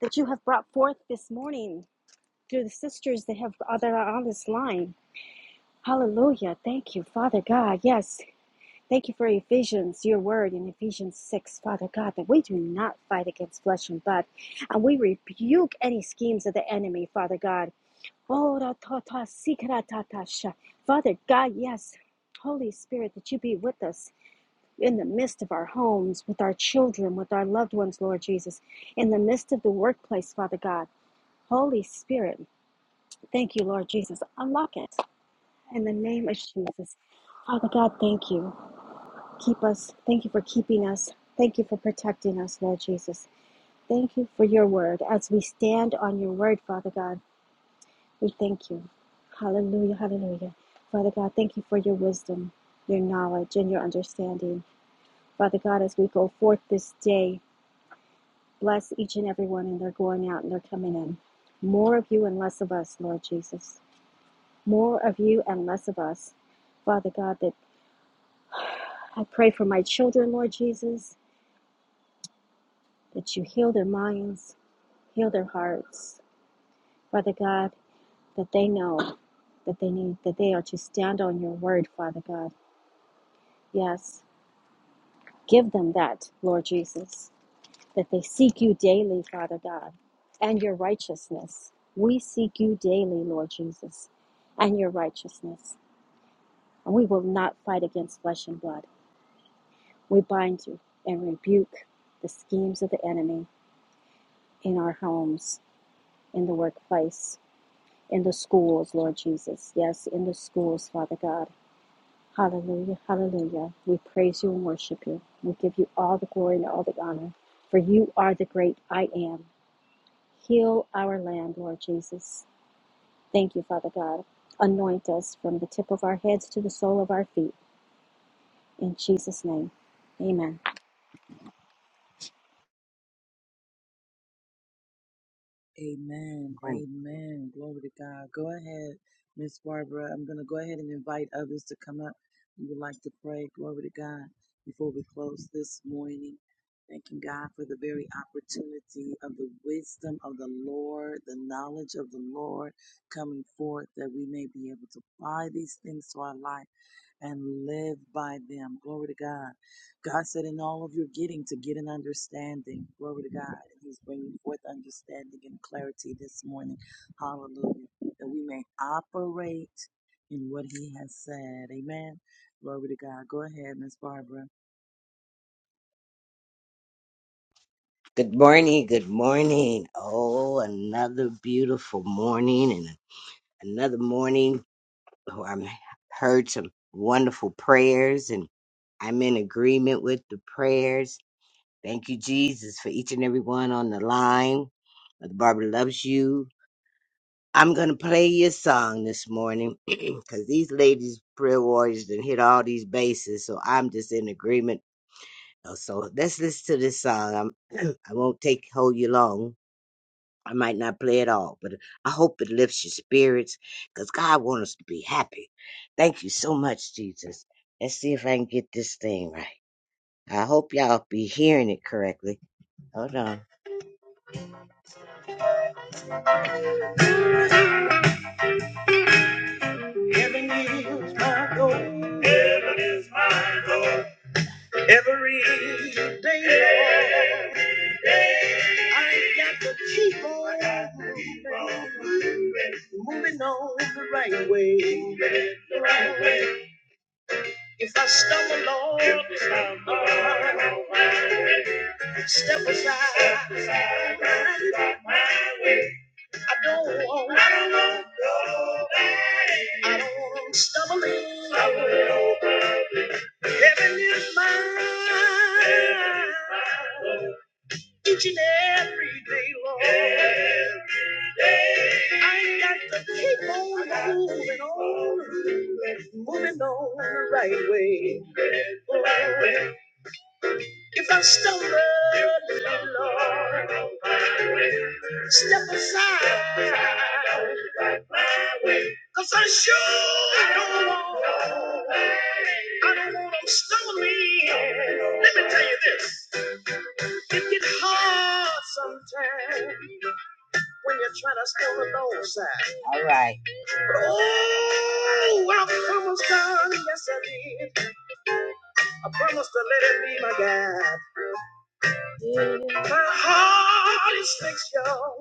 Speaker 6: that you have brought forth this morning through the sisters that have uh, that are on this line. Hallelujah. Thank you, Father God. Yes. Thank you for Ephesians, your word in Ephesians 6, Father God, that we do not fight against flesh and blood. And we rebuke any schemes of the enemy, Father God. Oh, ra ta ta si sha. Father God, yes. Holy Spirit, that you be with us in the midst of our homes, with our children, with our loved ones, Lord Jesus, in the midst of the workplace, Father God. Holy Spirit, thank you, Lord Jesus. Unlock it in the name of Jesus. Father God, thank you. Keep us. Thank you for keeping us. Thank you for protecting us, Lord Jesus. Thank you for your word. As we stand on your word, Father God, we thank you. Hallelujah, hallelujah. Father God, thank you for your wisdom, your knowledge, and your understanding. Father God, as we go forth this day, Bless each and every one, and they're going out and they're coming in. More of you and less of us, Lord Jesus. More of you and less of us. Father God, that I pray for my children, Lord Jesus, that you heal their minds, heal their hearts. Father God, that they know that they need, that they are to stand on your word, Father God. Yes, give them that, Lord Jesus. that they seek you daily, Father God, and your righteousness. We seek you daily, Lord Jesus, and your righteousness. And we will not fight against flesh and blood. We bind you and rebuke the schemes of the enemy in our homes, in the workplace, in the schools, Lord Jesus. Yes, in the schools, Father God. Hallelujah, hallelujah. We praise you and worship you. We give you all the glory and all the honor, for you are the great I am. Heal our land, Lord Jesus. Thank you, Father God. Anoint us from the tip of our heads to the sole of our feet. In Jesus' name, amen.
Speaker 7: Good morning. Good morning. Oh, another beautiful morning and another morning. Oh, i heard some wonderful prayers and I'm in agreement with the prayers. Thank you, Jesus, for each and every one on the line. Mother Barbara loves you. I'm gonna play your song this morning because these ladies, prayer warriors, done hit all these bases. So I'm just in agreement know, So let's listen to this song. I'm, I won't take hold you long. I might not play it all, but I hope it lifts your spirits because God wants us to be happy. Thank you so much, Jesus. Let's see if I can get this thing right. I hope y'all be hearing it correctly. Hold on. Every day, Lord, I got to keep on, moving on the right way. If I stumble, Lord, step aside. I don't want, I don't want, I don't want to stumble in. Heaven is mine. Each and every day, Lord. I got to keep on moving on, moving on the right way. Right way. If I stumble, Lord, step aside. Cause I sure don't want, I don't want them stumbling. Let me tell you this. It gets hard sometimes when you're trying to stumble the low side. All right. But oh, I promised God, yes I did. I promised to let him be my guide. My heart is fixed, y'all.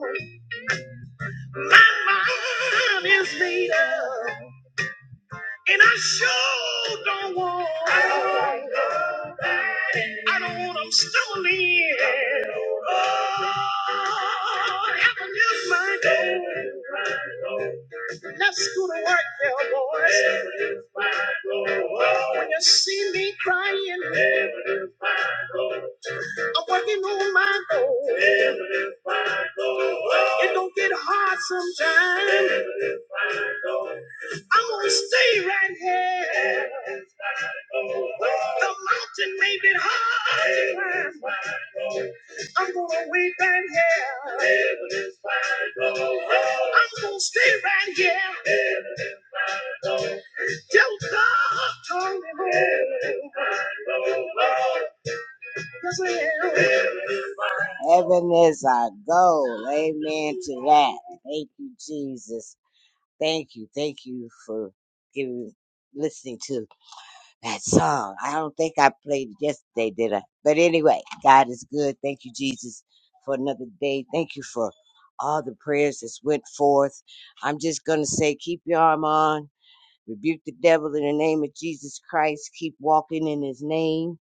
Speaker 7: My mind is made up. And I sure don't want. I don't want nobody. I don't want them stumbling. Oh, heaven is my goal. Let's go to work, there, boys. When you see me crying, I'm working on my goal. It don't get hard sometimes. I'm gonna stay right here. The mountain may be hard to climb. I'm gonna wait right here. I'm gonna stay right here. Till God told me. Heaven is our goal. Amen to that. Thank you, Jesus. Thank you. Thank you for giving listening to that song. I don't think I played it yesterday, did I? But anyway, God is good. Thank you, Jesus, for another day. Thank you for all the prayers that went forth. I'm just gonna say, keep your arm on. Rebuke the devil in the name of Jesus Christ. Keep walking in his name.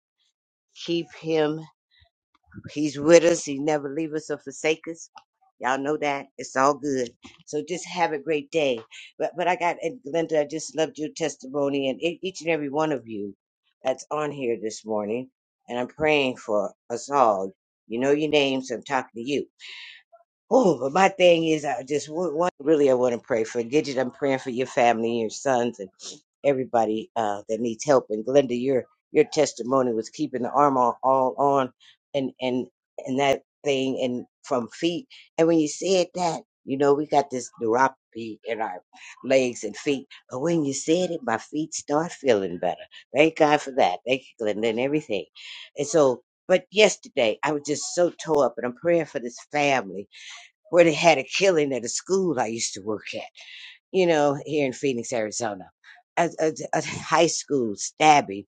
Speaker 7: Keep him He's with us. He never leave us or forsake us. Y'all know that. It's all good. So just have a great day. But but I got and Glenda, I just loved your testimony and e- each and every one of you that's on here this morning. And I'm praying for us all. You know your names. I'm talking to you. Oh, but my thing is, I just wa- want, really, I want to pray for Gidget. I'm praying for your family, your sons, and everybody uh, that needs help. And Glenda, your your testimony was keeping the arm all, all on, and and and that thing, and from feet. And when you said that, you know, we got this neuropathy in our legs and feet. But when you said it, my feet start feeling better. Thank God for that. Thank you, Glenda, and everything. And so, but yesterday, I was just so tore up, and I'm praying for this family where they had a killing at a school I used to work at, you know, here in Phoenix, Arizona. A, a, a high school stabbing,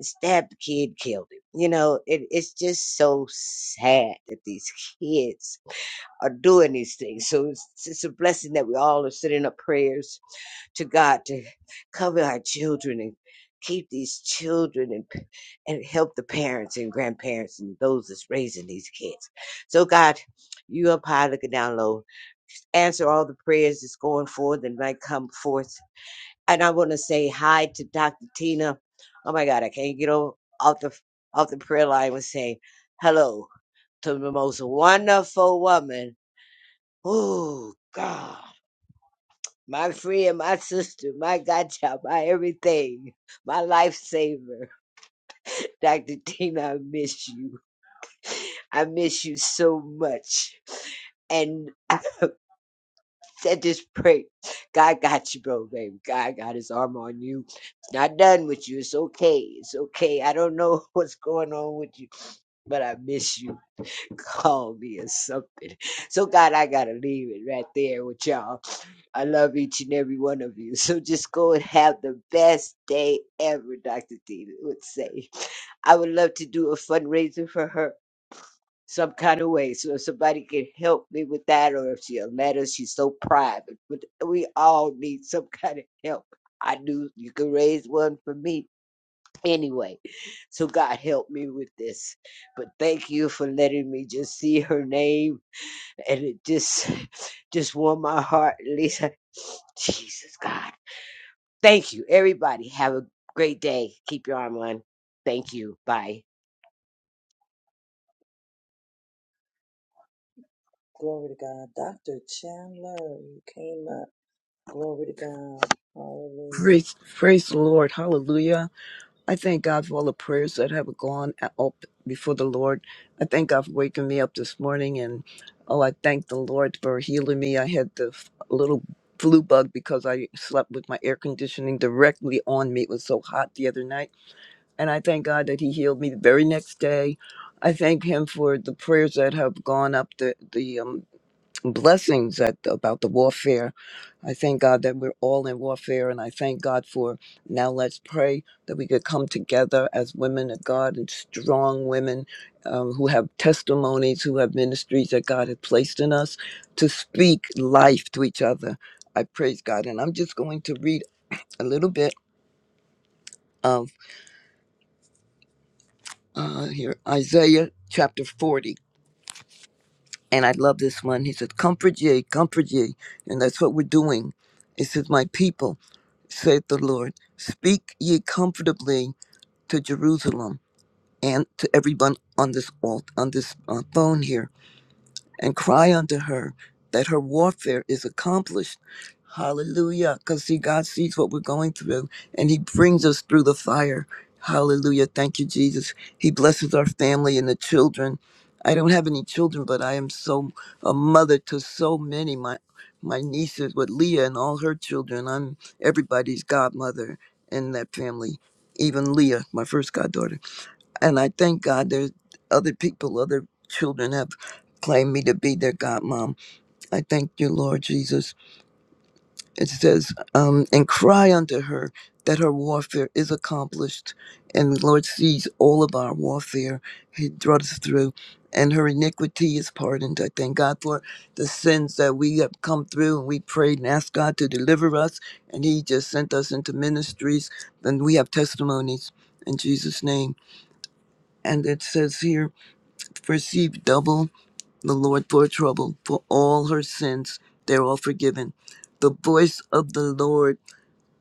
Speaker 7: stabbed the kid, killed him. You know, it, it's just so sad that these kids are doing these things. So it's, it's a blessing that we all are sending up prayers to God to cover our children and keep these children and p- and help the parents and grandparents and those that's raising these kids. So God, you up high looking down low answer all the prayers that's going forth and might come forth. And I want to say hi to Dr. Tina. Oh my God, I can't get o- off the off the prayer line with saying hello to the most wonderful woman. Oh God, my friend, my sister, my godchild, my everything, my lifesaver. Dr. Tina, I miss you. I miss you so much. And said this prayer. God got you, bro, baby. God got his arm on you. It's not done with you. It's okay. It's okay. I don't know what's going on with you, but I miss you. Call me or something. So, God, I got to leave it right there with y'all. I love each and every one of you. So just go and have the best day ever, Dr. D would say. I would love to do a fundraiser for her some kind of way. So if somebody can help me with that, or if she'll let us, she's so private. But we all need some kind of help. I knew you could raise one for me anyway. So God help me with this. But thank you for letting me just see her name, and it just just warmed my heart, Lisa. Jesus God, thank you, everybody. Have a great day. Keep your arm on. Thank you. Bye.
Speaker 8: Praise, praise the Lord. Hallelujah. I thank God for all the prayers that have gone up before the Lord. I thank God for waking me up this morning. And oh, I thank the Lord for healing me. I had the f- little flu bug because I slept with my air conditioning directly on me. It was so hot the other night. And I thank God that He healed me the very next day. I thank Him for the prayers that have gone up, the, the um, blessings at, about the warfare. I thank God that we're all in warfare, and I thank God for now. Let's pray that we could come together as women of God and strong women um, who have testimonies, who have ministries that God has placed in us to speak life to each other. I praise God, and I'm just going to read a little bit of uh, here Isaiah chapter 40. And I love this one. He said, Comfort ye, comfort ye. And that's what we're doing. It says, My people. saith the Lord. Speak ye comfortably to Jerusalem and to everyone on this alt, on this uh, phone here and cry unto her that her warfare is accomplished. Hallelujah. Because see, God sees what we're going through and He brings us through the fire. Hallelujah. Thank you, Jesus. He blesses our family and the children. I don't have any children, but I am so a mother to so many. My my nieces with Leah and all her children. I'm everybody's godmother in that family, even Leah, my first goddaughter. And I thank God there's other people, other children have claimed me to be their godmom. I thank you, Lord Jesus. It says, um, and cry unto her that her warfare is accomplished. And the Lord sees all of our warfare. He brought us through. And her iniquity is pardoned. I thank God for the sins that we have come through and we prayed and asked God to deliver us. And He just sent us into ministries. And we have testimonies in Jesus' name. And it says here, receive double the Lord for trouble, for all her sins they're all forgiven. The voice of the Lord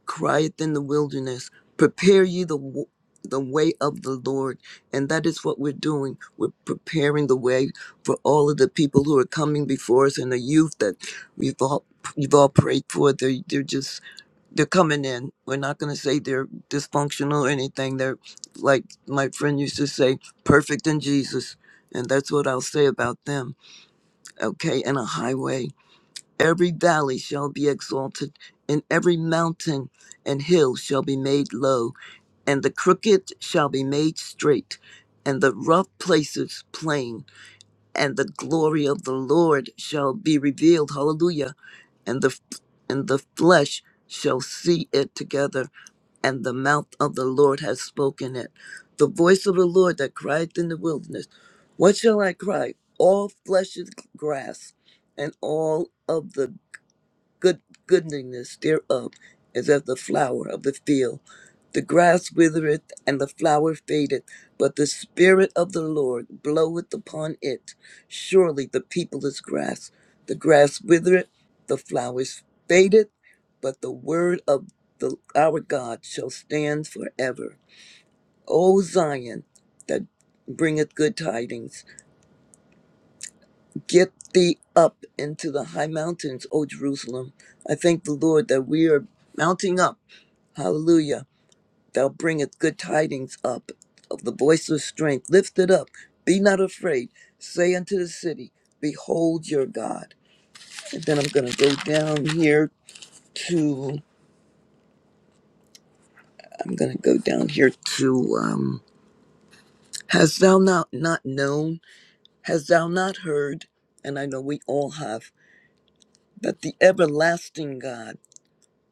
Speaker 8: crieth in the wilderness, prepare ye the w- the way of the Lord, and that is what we're doing. We're preparing the way for all of the people who are coming before us and the youth that we've all you've all prayed for. They are they're just they're coming in. We're not going to say they're dysfunctional or anything. They're like my friend used to say, perfect in Jesus. And that's what I'll say about them. Okay, and a highway. Every valley shall be exalted, and every mountain and hill shall be made low, and the crooked shall be made straight, and the rough places plain and the glory of the Lord shall be revealed. Hallelujah. And the and the flesh shall see it together, and the mouth of the Lord has spoken it. The voice of the Lord that cried in the wilderness, What shall I cry? All flesh is grass, and all of the good goodliness thereof is as the flower of the field. The grass withereth and the flower fadeth, but the Spirit of the Lord bloweth upon it. Surely the people is grass. The grass withereth, the flowers fadeth, but the word of the, our God shall stand forever. O Zion, that bringeth good tidings Get thee up into the high mountains, O Jerusalem. I thank the Lord that we are mounting up. Hallelujah. Thou bringest good tidings up of the voice of strength. Lift it up. Be not afraid. Say unto the city, Behold your God. And then I'm going to go down here to, I'm going to go down here to, um, Hast thou not, not known? Hast thou not heard? And I know we all have. That the everlasting God,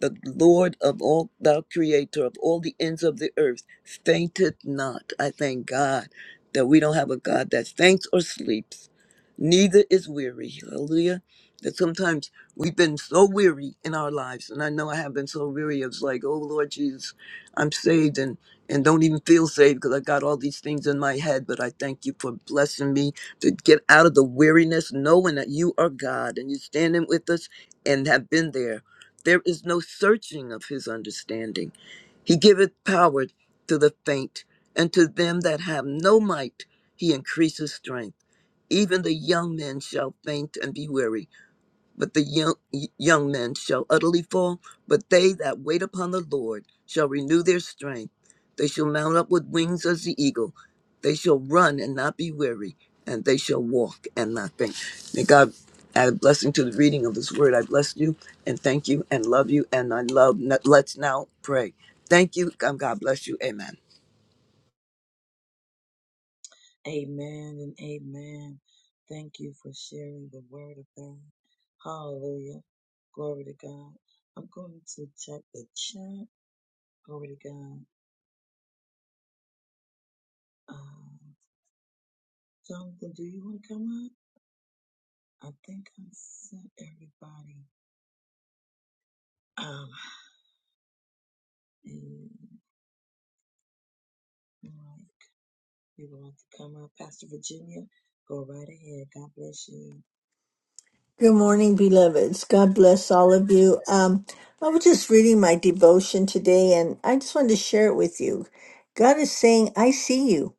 Speaker 8: the Lord of all, thou creator of all the ends of the earth, fainteth not. I thank God that we don't have a God that faints or sleeps, neither is weary. Hallelujah. That sometimes we've been so weary in our lives, and I know I have been so weary. It's like, oh Lord Jesus, I'm saved and and don't even feel saved because I got all these things in my head. But I thank you for blessing me to get out of the weariness, knowing that you are God and you're standing with us and have been there there is no searching of his understanding. He giveth power to the faint, and to them that have no might he increaseth strength. Even the young men shall faint and be weary, but the young young men shall utterly fall, but they that wait upon the Lord shall renew their strength. They shall mount up with wings as the eagle. They shall run and not be weary, and they shall walk and not faint. May God add a blessing to the reading of His Word. I bless you and thank you and love you, and I love. Let's now pray. Thank you. and God bless you. Amen.
Speaker 9: Good morning, beloveds. God bless all of you. Um, I was just reading my devotion today and I just wanted to share it with you. God is saying, I see you.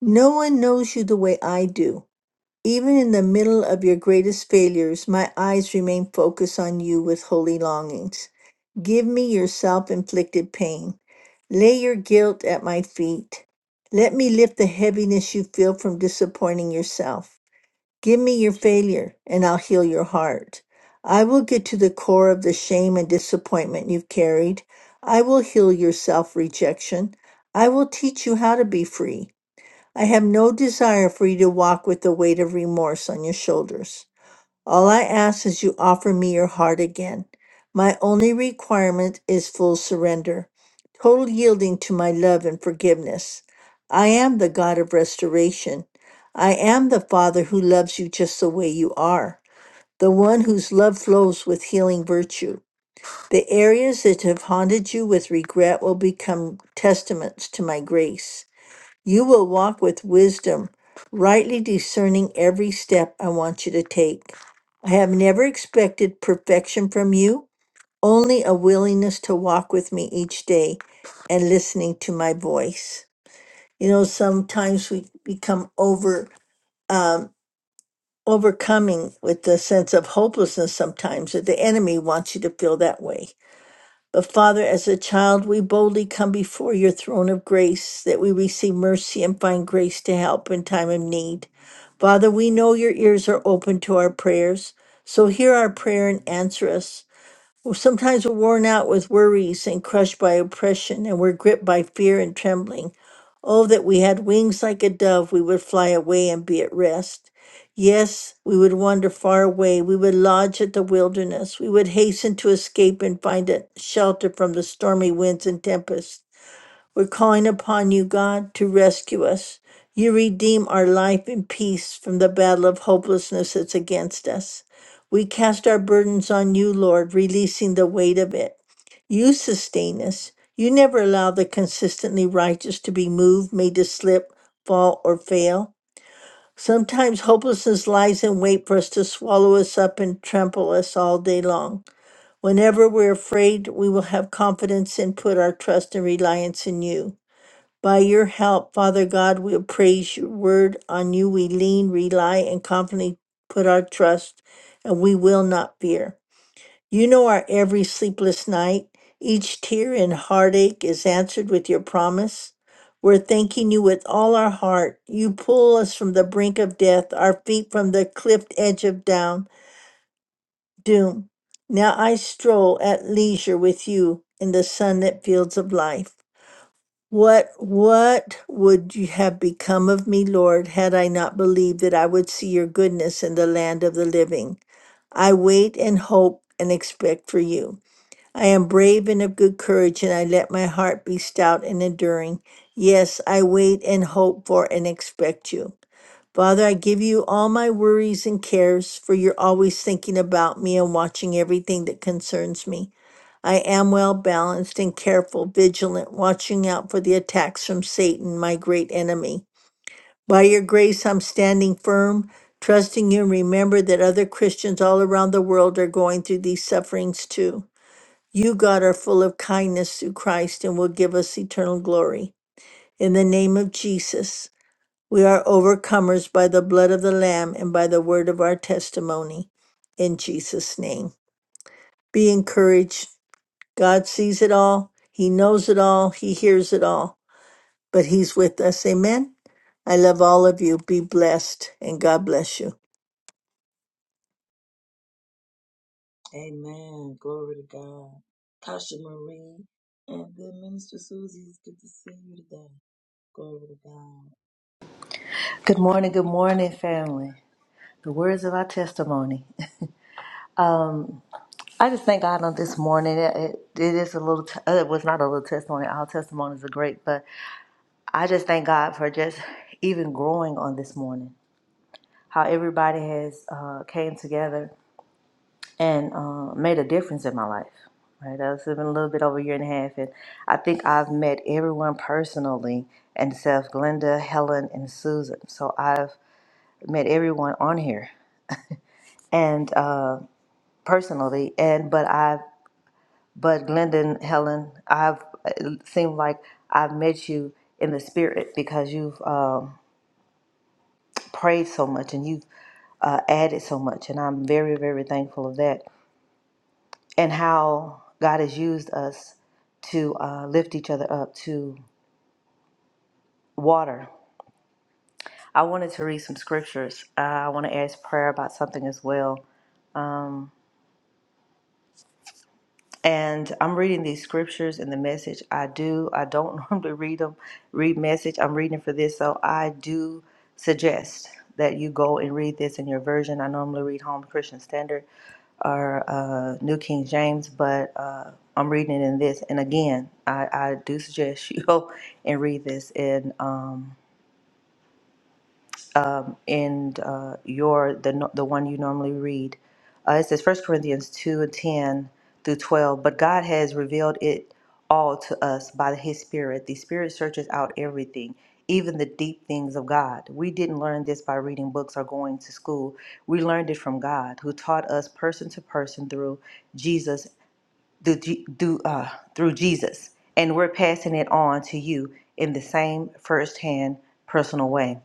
Speaker 9: No one knows you the way I do. Even in the middle of your greatest failures, my eyes remain focused on you with holy longings. Give me your self inflicted pain. Lay your guilt at my feet. Let me lift the heaviness you feel from disappointing yourself. Give me your failure, and I'll heal your heart. I will get to the core of the shame and disappointment you've carried. I will heal your self rejection. I will teach you how to be free. I have no desire for you to walk with the weight of remorse on your shoulders. All I ask is you offer me your heart again. My only requirement is full surrender, total yielding to my love and forgiveness. I am the God of restoration. I am the Father who loves you just the way you are, the one whose love flows with healing virtue. The areas that have haunted you with regret will become testaments to my grace. You will walk with wisdom, rightly discerning every step I want you to take. I have never expected perfection from you, only a willingness to walk with me each day and listening to my voice. You know, sometimes we become over um, overcoming with the sense of hopelessness sometimes that the enemy wants you to feel that way but Father, as a child, we boldly come before your throne of grace that we receive mercy and find grace to help in time of need. Father, we know your ears are open to our prayers, so hear our prayer and answer us. Well, Sometimes we're worn out with worries and crushed by oppression, and we're gripped by fear and trembling. Oh, that we had wings like a dove, we would fly away and be at rest. Yes, we would wander far away. We would lodge at the wilderness. We would hasten to escape and find a shelter from the stormy winds and tempests. We're calling upon you, God, to rescue us. You redeem our life in peace from the battle of hopelessness that's against us. We cast our burdens on you, Lord, releasing the weight of it. You sustain us. You never allow the consistently righteous to be moved, made to slip, fall, or fail. Sometimes hopelessness lies in wait for us to swallow us up and trample us all day long. Whenever we're afraid, we will have confidence and put our trust and reliance in you. By your help, Father God, we praise your word. On you we lean, rely, and confidently put our trust, and we will not fear. You know our every sleepless night. Each tear and heartache is answered with your promise. We're thanking you with all our heart. You pull us from the brink of death, our feet from the cliff edge of down, doom. Now I stroll at leisure with you in the sunlit fields of life. What what would you have become of me, Lord, had I not believed that I would see your goodness in the land of the living? I wait and hope and expect for you. I am brave and of good courage, and I let my heart be stout and enduring. Yes, I wait and hope for and expect you. Father, I give you all my worries and cares, for you're always thinking about me and watching everything that concerns me. I am well balanced and careful, vigilant, watching out for the attacks from Satan, my great enemy. By your grace, I'm standing firm, trusting you. and Remember that other Christians all around the world are going through these sufferings too. You, God, are full of kindness through Christ and will give us eternal glory. In the name of Jesus, we are overcomers by the blood of the Lamb and by the word of our testimony. In Jesus' name. Be encouraged. God sees it all. He knows it all. He hears it all. But He's with us. Amen. I love all of you. Be blessed and God bless you.
Speaker 10: Good morning, good morning, family. The words of our testimony. I just thank God on this morning. It, it it is a little, t- uh, it was not a little testimony. Our testimonies are great, but I just thank God for just even growing on this morning. How everybody has uh, came together and uh, made a difference in my life. Right, that's been a little bit over a year and a half, and I think I've met everyone personally, and self Glenda, Helen, and Susan. So I've met everyone on here, and. uh, personally and but i but Glendon helen i've it seemed like i've met you in the spirit because you've um, prayed so much and you've uh, added so much and i'm very very thankful of that and how god has used us to uh, lift each other up to water i wanted to read some scriptures uh, i want to ask prayer about something as well Um, and I'm reading these scriptures in the message. I do. I don't normally read them, read message. I'm reading for this, so I do suggest that you go and read this in your version. I normally read Home Christian Standard or uh, New King James, but uh, I'm reading it in this. And again, I, I do suggest you go and read this. And um, in uh, your the no- the one you normally read. Uh, it says First Corinthians two and ten through twelve. But God has revealed it all to us by His Spirit. The Spirit searches out everything, even the deep things of God. We didn't learn this by reading books or going to school. We learned it from God, who taught us person to person through Jesus, through, G- through, uh, through Jesus, and we're passing it on to you in the same firsthand personal way.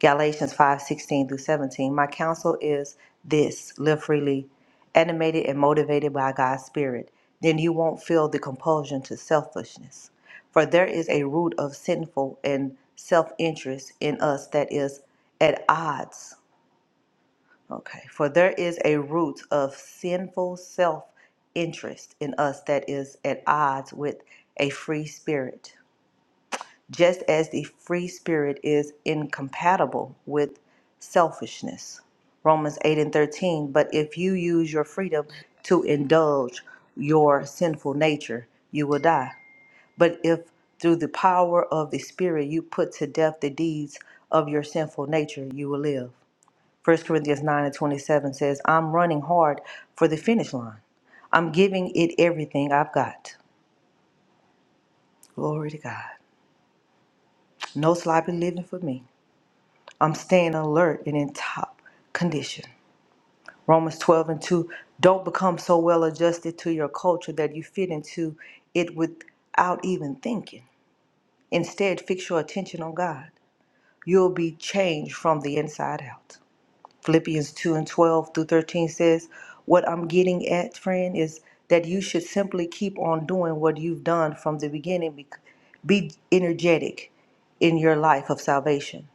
Speaker 10: Galatians 5:16 through 17. My counsel is this live freely, animated and motivated by God's Spirit. Then you won't feel the compulsion to selfishness. For there is a root of sinful and self interest in us that is at odds. Okay. For there is a root of sinful self interest in us that is at odds with a free spirit just as the free spirit is incompatible with selfishness. Romans 8 and 13. But if you use your freedom to indulge your sinful nature, you will die. But if through the power of the Spirit you put to death the deeds of your sinful nature, you will live. First Corinthians 9 and 27 says, I'm running hard for the finish line. I'm giving it everything I've got. Glory to God. No sloppy living for me. I'm staying alert and in top condition. Romans 12 and 2 Don't become so well adjusted to your culture that you fit into it without even thinking. Instead, fix your attention on God. You'll be changed from the inside out. Philippians 2 and 12 through 13 says, What I'm getting at, friend, is that you should simply keep on doing what you've done from the beginning. bec- Be energetic in your life of salvation,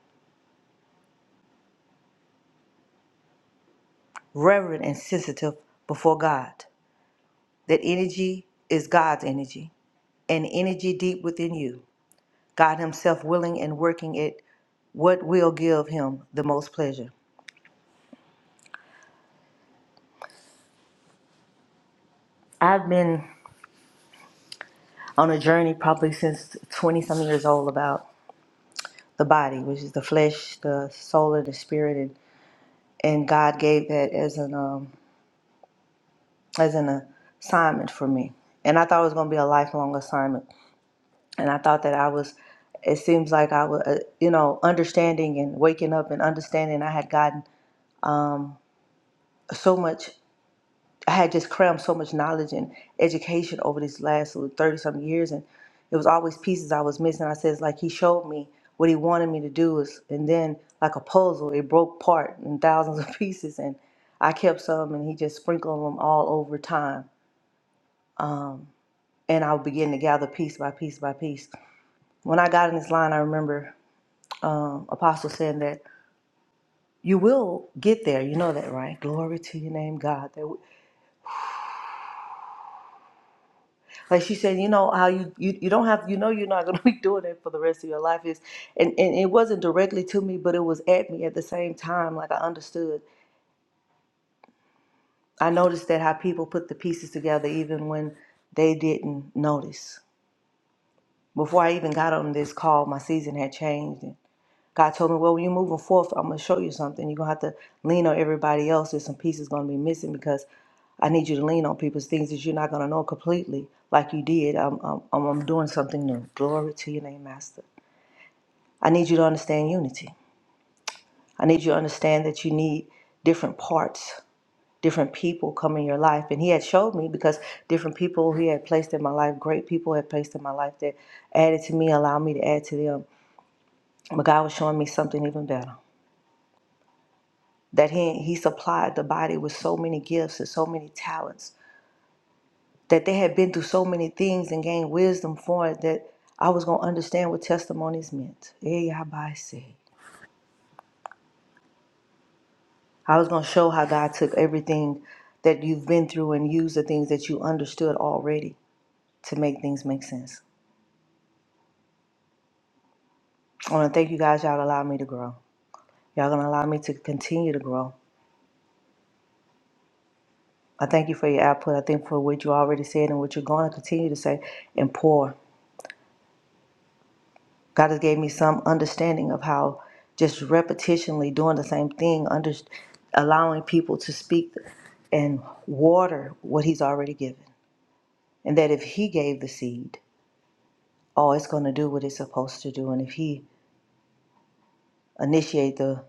Speaker 10: reverent and sensitive before God. That energy is God's energy, an energy deep within you, God Himself willing and working it, what will give Him the most pleasure. I've been on a journey probably since 20 some years old about the body, which is the flesh, the soul, and the spirit, and, and God gave that as an um, as an assignment for me, and I thought it was going to be a lifelong assignment, and I thought that I was. It seems like I was, uh, you know, understanding and waking up and understanding I had gotten so much I had just crammed so much knowledge and education over these last thirty some years and it was always pieces I was missing. I says like he showed me what he wanted me to do is and then like a puzzle, it broke apart in thousands of pieces and I kept some and he just sprinkled them all over time. And I would begin to gather piece by piece by piece. When I got in this line, I remember um, Apostle saying that you will get there. You know that, right? Glory to your name, God. That Like she said, you know how you, you you don't have you know you're not gonna be doing it for the rest of your life is and, and it wasn't directly to me, but it was at me at the same time, like I understood. I noticed that how people put the pieces together even when they didn't notice. Before I even got on this call, my season had changed God told me, well, when you're moving forth, I'm going to show you something. You're going to have to lean on everybody else. There's some pieces going to be missing because I need you to lean on people's things that you're not going to know completely like you did. I'm, I'm, I'm doing something new. Glory to your name, Master. I need you to understand unity. I need you to understand that you need different parts, different people come in your life. And he had showed me because different people he had placed in my life, great people had placed in my life that added to me, allowed me to add to them. But God was showing me something even better. that he, he supplied the body with so many gifts and so many talents that they had been through so many things and gained wisdom for it that I was going to understand what testimonies meant. Eh, yabase. I was going to show how God took everything that you've been through and used the things that you understood already to make things make sense. I want to thank you guys. Y'all allowed me to grow. Y'all going to allow me to continue to grow. I thank you for your output. I thank for what you already said and what you're going to continue to say and pour. God has gave me some understanding of how just repetitionally doing the same thing, under, allowing people to speak and water what He's already given. And that if He gave the seed, oh, it's going to do what it's supposed to do. And if He initiate the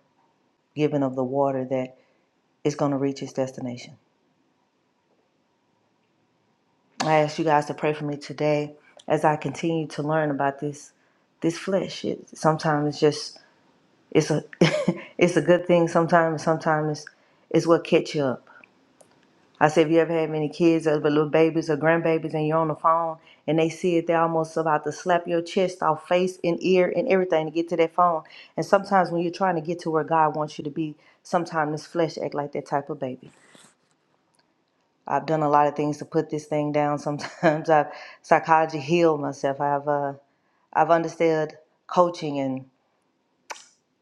Speaker 10: giving of the water, that it's going to reach its destination. I ask you guys to pray for me today as I continue to learn about this this flesh. It, sometimes it's just it's a it's a good thing. Sometimes sometimes it's it's what catch you up I said, if you ever had many kids or little babies or grandbabies and you're on the phone and they see it, they're almost about to slap your chest off, face and ear and everything to get to that phone. And sometimes when you're trying to get to where God wants you to be, sometimes this flesh act like that type of baby. I've done a lot of things to put this thing down. Sometimes I've psychology healed myself. I've uh, I've understood coaching and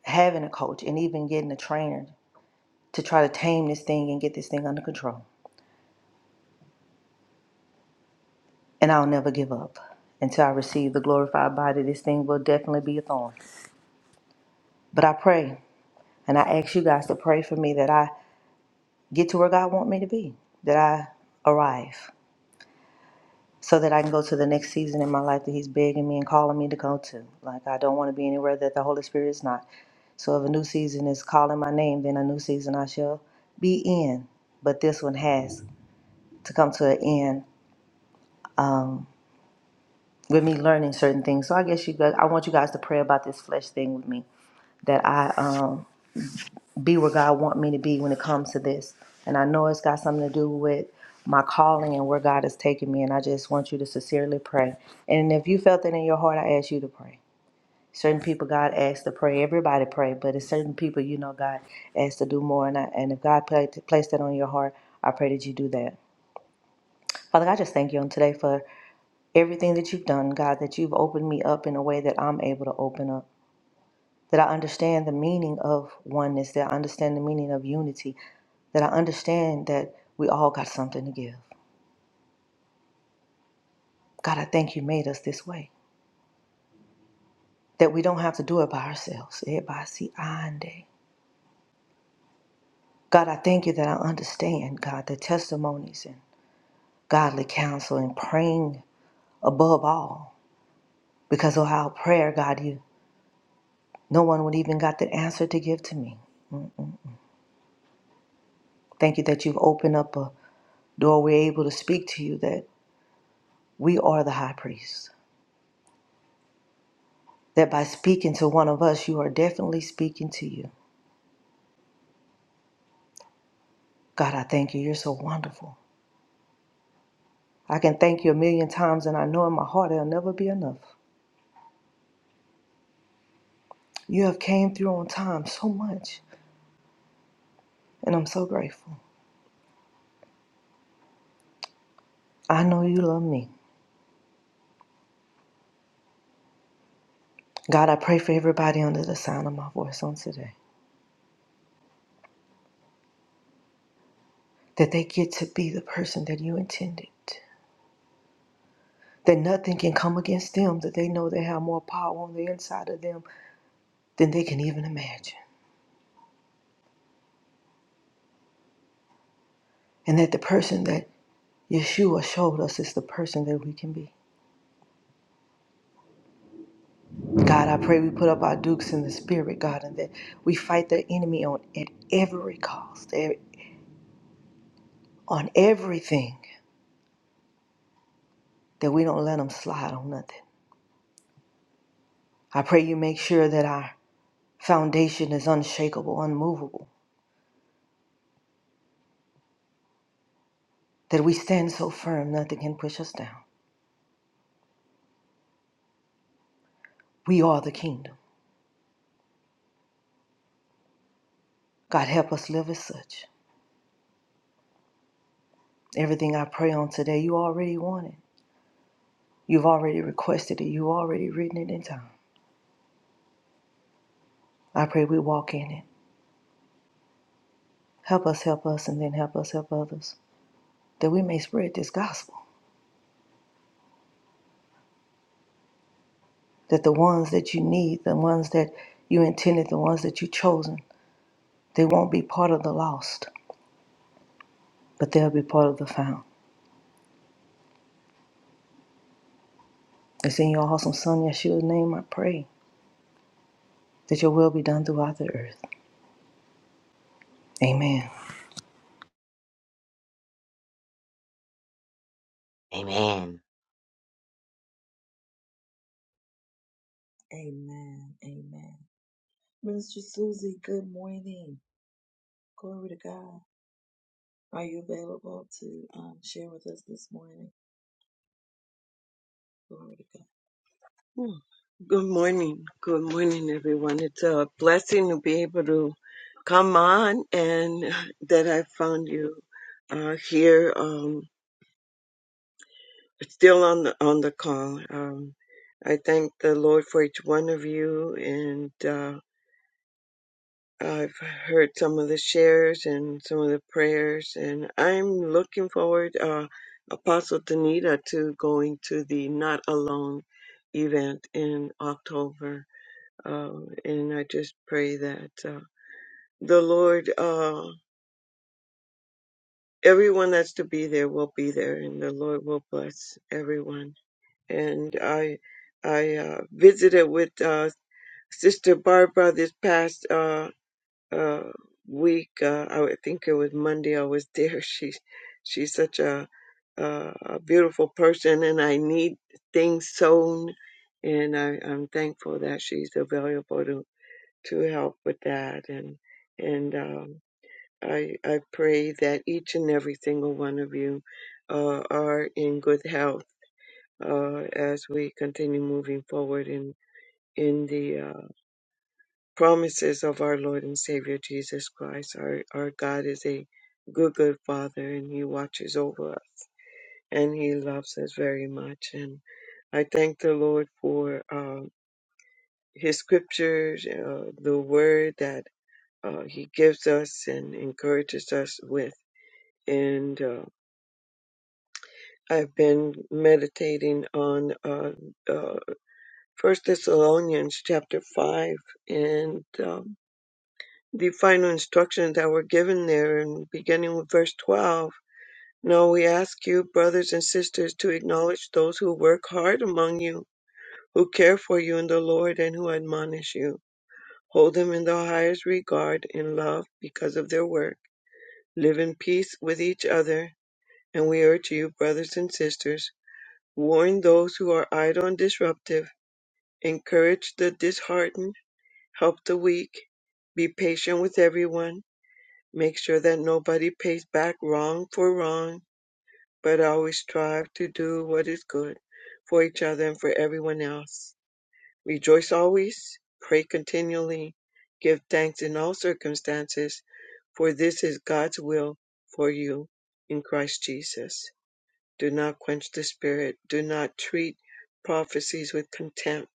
Speaker 10: having a coach and even getting a trainer to try to tame this thing and get this thing under control. and I'll never give up. Until I receive the glorified body, this thing will definitely be a thorn. But I pray, and I ask you guys to pray for me that I get to where God wants me to be, that I arrive, so that I can go to the next season in my life that He's begging me and calling me to go to. Like I don't want to be anywhere that the Holy Spirit is not. So if a new season is calling my name, then a new season I shall be in. But this one has to come to an end with me learning certain things. So I guess you guys, I want you guys to pray about this flesh thing with me that I um, be where God want me to be when it comes to this. And I know it's got something to do with my calling and where God has taken me. And I just want you to sincerely pray. And if you felt that in your heart, I ask you to pray. Certain people God asks to pray. Everybody pray, but it's certain people you know God asks to do more. And, I, and if God pla- placed that on your heart, I pray that you do that. Father, I just thank you on today for everything that you've done, God, that you've opened me up in a way that I'm able to open up that I understand the meaning of oneness, that I understand the meaning of unity, that I understand that we all got something to give. God, I thank you made us this way, that we don't have to do it by ourselves. Eh, by si ande. God, I thank you that I understand, God, the testimonies and godly counsel and praying above all, because of our prayer, God, you, no one would even got the answer to give to me. Thank you that you've opened up a door we're able to speak to you, that we are the high priest, that by speaking to one of us, you are definitely speaking to you. God, I thank you. You're so wonderful. I can thank you a million times, and I know in my heart it'll never be enough. You have came through on time so much, and I'm so grateful. I know you love me. God, I pray for everybody under the sound of my voice on today that they get to be the person that you intended. That nothing can come against them, that they know they have more power on the inside of them than they can even imagine. And that the person that Yeshua showed us is the person that we can be. God, I pray we put up our dukes in the spirit, God, and that we fight the enemy on at every cost, e- on everything, that we don't let him slide on nothing. I pray you make sure that our foundation is unshakable, unmovable, that we stand so firm nothing can push us down. We are the kingdom. God, help us live as such. Everything I pray on today, you already want it. You've already requested it. You've already written it in time. I pray we walk in it. Help us, help us, and then help us, help others, that we may spread this gospel that the ones that you need, the ones that you intended, the ones that you chosen, they won't be part of the lost, but they'll be part of the found. It's in your awesome son Yeshua's name I pray that your will be done throughout the earth. Amen.
Speaker 7: Amen.
Speaker 11: Good morning. Good morning, everyone. It's a blessing to be able to come on and that I found you uh, here, um, still on the, on the call. Um, I thank the Lord for each one of you and, uh, I've heard some of the shares and some of the prayers and I'm looking forward, uh, Apostle Danita to going to the Not Alone event in October Um, and I just pray that uh, the Lord, uh, everyone that's to be there will be there, and the Lord will bless everyone. And I, I uh, visited with uh, Sister Barbara this past uh, uh, week. Uh, I would think it was Monday. I was there. She's she's such a a a beautiful person, and I need things sown. And I, I'm thankful that she's available to help with that and and um, I I pray that each and every single one of you uh, are in good health uh, as we continue moving forward in in the uh, promises of our Lord and Savior Jesus Christ. Our our God is a good good Father and He watches over us and He loves us very much and I thank the Lord for uh, His scriptures, uh, the Word that uh, He gives us and encourages us with. And uh, I've been meditating on uh, uh, First Thessalonians chapter five and um, the final instructions that were given there, and beginning with verse twelve. now we ask you, brothers and sisters, to acknowledge those who work hard among you, who care for you in the Lord, and who admonish you. Hold them in the highest regard and love because of their work. Live in peace with each other And we urge you, brothers and sisters, warn those who are idle and disruptive, encourage the disheartened, help the weak, be patient with everyone, make sure that nobody pays back wrong for wrong, but always strive to do what is good for each other and for everyone else. Rejoice always, pray continually, give thanks in all circumstances, for this is God's will for you in Christ Jesus. Do not quench the Spirit. Do not treat prophecies with contempt,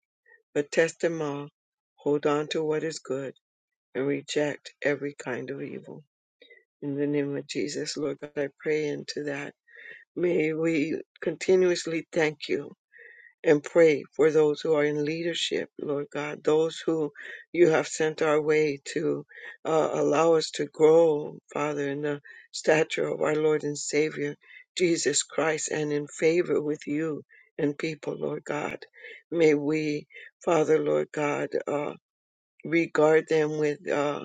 Speaker 11: but test them all. Hold on to what is good and reject every kind of evil. In the name of Jesus, Lord God, I pray into that. May we continuously thank you and pray for those who are in leadership, Lord God, those who you have sent our way to uh, allow us to grow, Father, in the stature of our Lord and Savior, Jesus Christ, and in favor with you and people, Lord God. May we, Father, Lord God, uh, regard them with uh,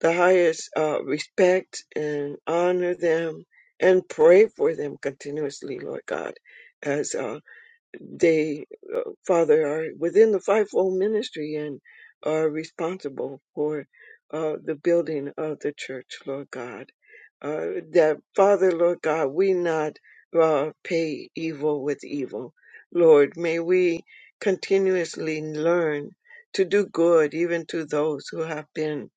Speaker 11: the highest uh, respect and honor them and pray for them continuously, Lord God, as uh, they Father, are within the fivefold ministry and are responsible for uh, the building of the church, Lord God. Uh, that, Father, Lord God, we not uh, pay evil with evil. Lord, may we continuously learn to do good even to those who have been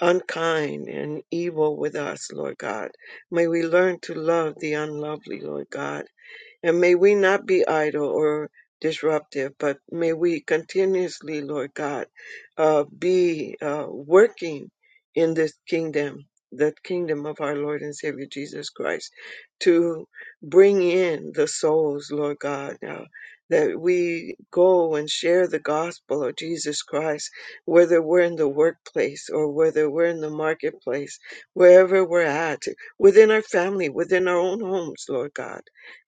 Speaker 11: unkind and evil with us, Lord God. May we learn to love the unlovely, Lord God and may we not be idle or disruptive, but may we continuously, Lord God, uh, be uh, working in this kingdom, the kingdom of our Lord and Savior Jesus Christ, to bring in the souls, Lord God. Uh, that we go and share the gospel of Jesus Christ, whether we're in the workplace or whether we're in the marketplace, wherever we're at, within our family, within our own homes, Lord God